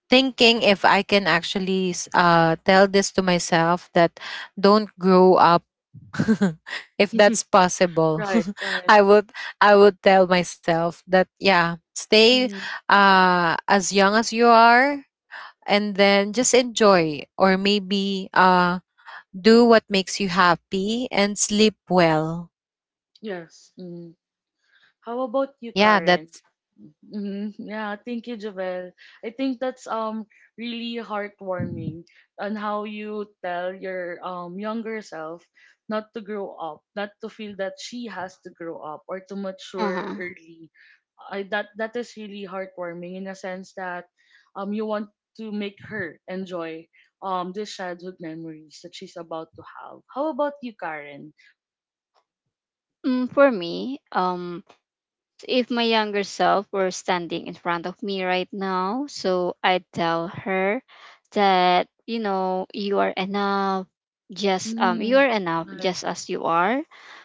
S3: thinking if I can actually tell this to myself that, don't grow up. If that's possible.
S1: Right, right.
S3: i would I would tell myself that, yeah, stay
S1: Mm,
S3: as young as you are, and then just enjoy, or maybe do what makes you happy, and sleep well.
S1: yes. Mm. How about you,
S3: Yeah,
S1: Karen?
S3: that's,
S1: Hmm. Yeah, thank you, Javel. I think that's really heartwarming, on how you tell your younger self not to grow up, not to feel that she has to grow up or to mature
S2: Uh-huh.
S1: early. I That that is really heartwarming in a sense that you want to make her enjoy these childhood memories that she's about to have. How about you, Karen?
S2: Mm, for me, if my younger self were standing in front of me right now, so I'd tell her that, you are enough, just you
S1: Mm-hmm.
S2: are enough
S1: Correct.
S2: just as you are.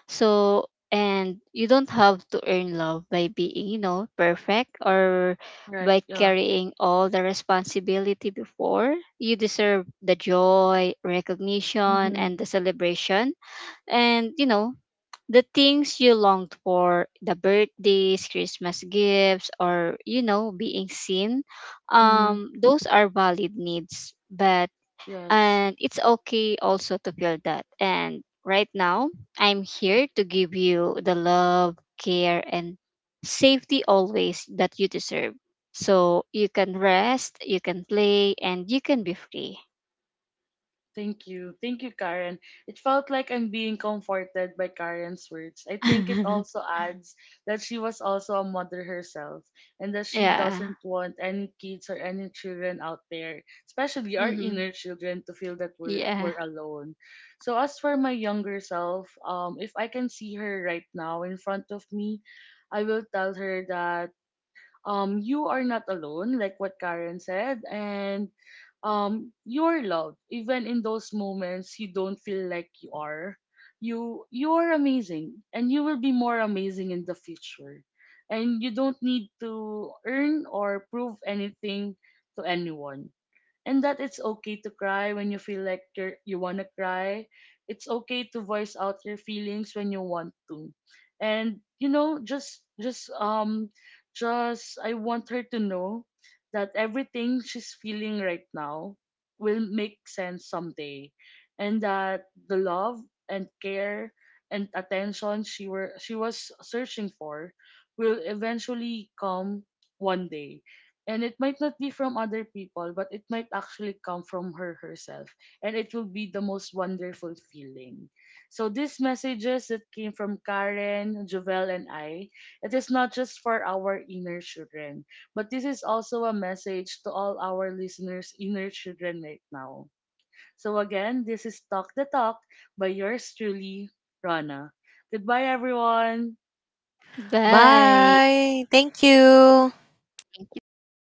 S2: So, and you don't have to earn love by being, perfect, or
S1: Correct.
S2: by
S1: Yeah.
S2: carrying all the responsibility before. You deserve the joy, recognition,
S1: Mm-hmm.
S2: and the celebration. And, the things you longed for, the birthdays, christmas gifts, or, being seen,
S1: Mm-hmm.
S2: those are valid needs. But,
S1: Yes.
S2: and it's okay also to feel that. And right now, I'm here to give you the love, care, and safety always that you deserve. So you can rest, you can play, and you can be free.
S1: Thank you. Thank you, Karen. It felt like I'm being comforted by Karen's words. I think it also adds that she was also a mother herself, and that she
S2: Yeah.
S1: doesn't want any kids or any children out there, especially our
S2: Mm-hmm.
S1: inner children, to feel that
S2: Yeah.
S1: we're alone. So, as for my younger self, if I can see her right now in front of me, I will tell her that you are not alone, like what Karen said, and you're loved. Even in those moments you don't feel like you are, you're amazing, and you will be more amazing in the future. And you don't need to earn or prove anything to anyone. And that it's okay to cry when you feel like you want to cry. It's okay to voice out your feelings when you want to. And you know, just I want her to know that everything she's feeling right now will make sense someday, and that the love and care and attention she was searching for will eventually come one day. And it might not be from other people, but it might actually come from her herself. And it will be the most wonderful feeling. So these messages that came from Karen, Jovel, and I, it is not just for our inner children, but this is also a message to all our listeners' inner children right now. So again, this is Talk the Talk, by yours truly, Rana. Goodbye, everyone.
S2: Bye.
S3: bye, thank you.
S2: Thank you. Thank you.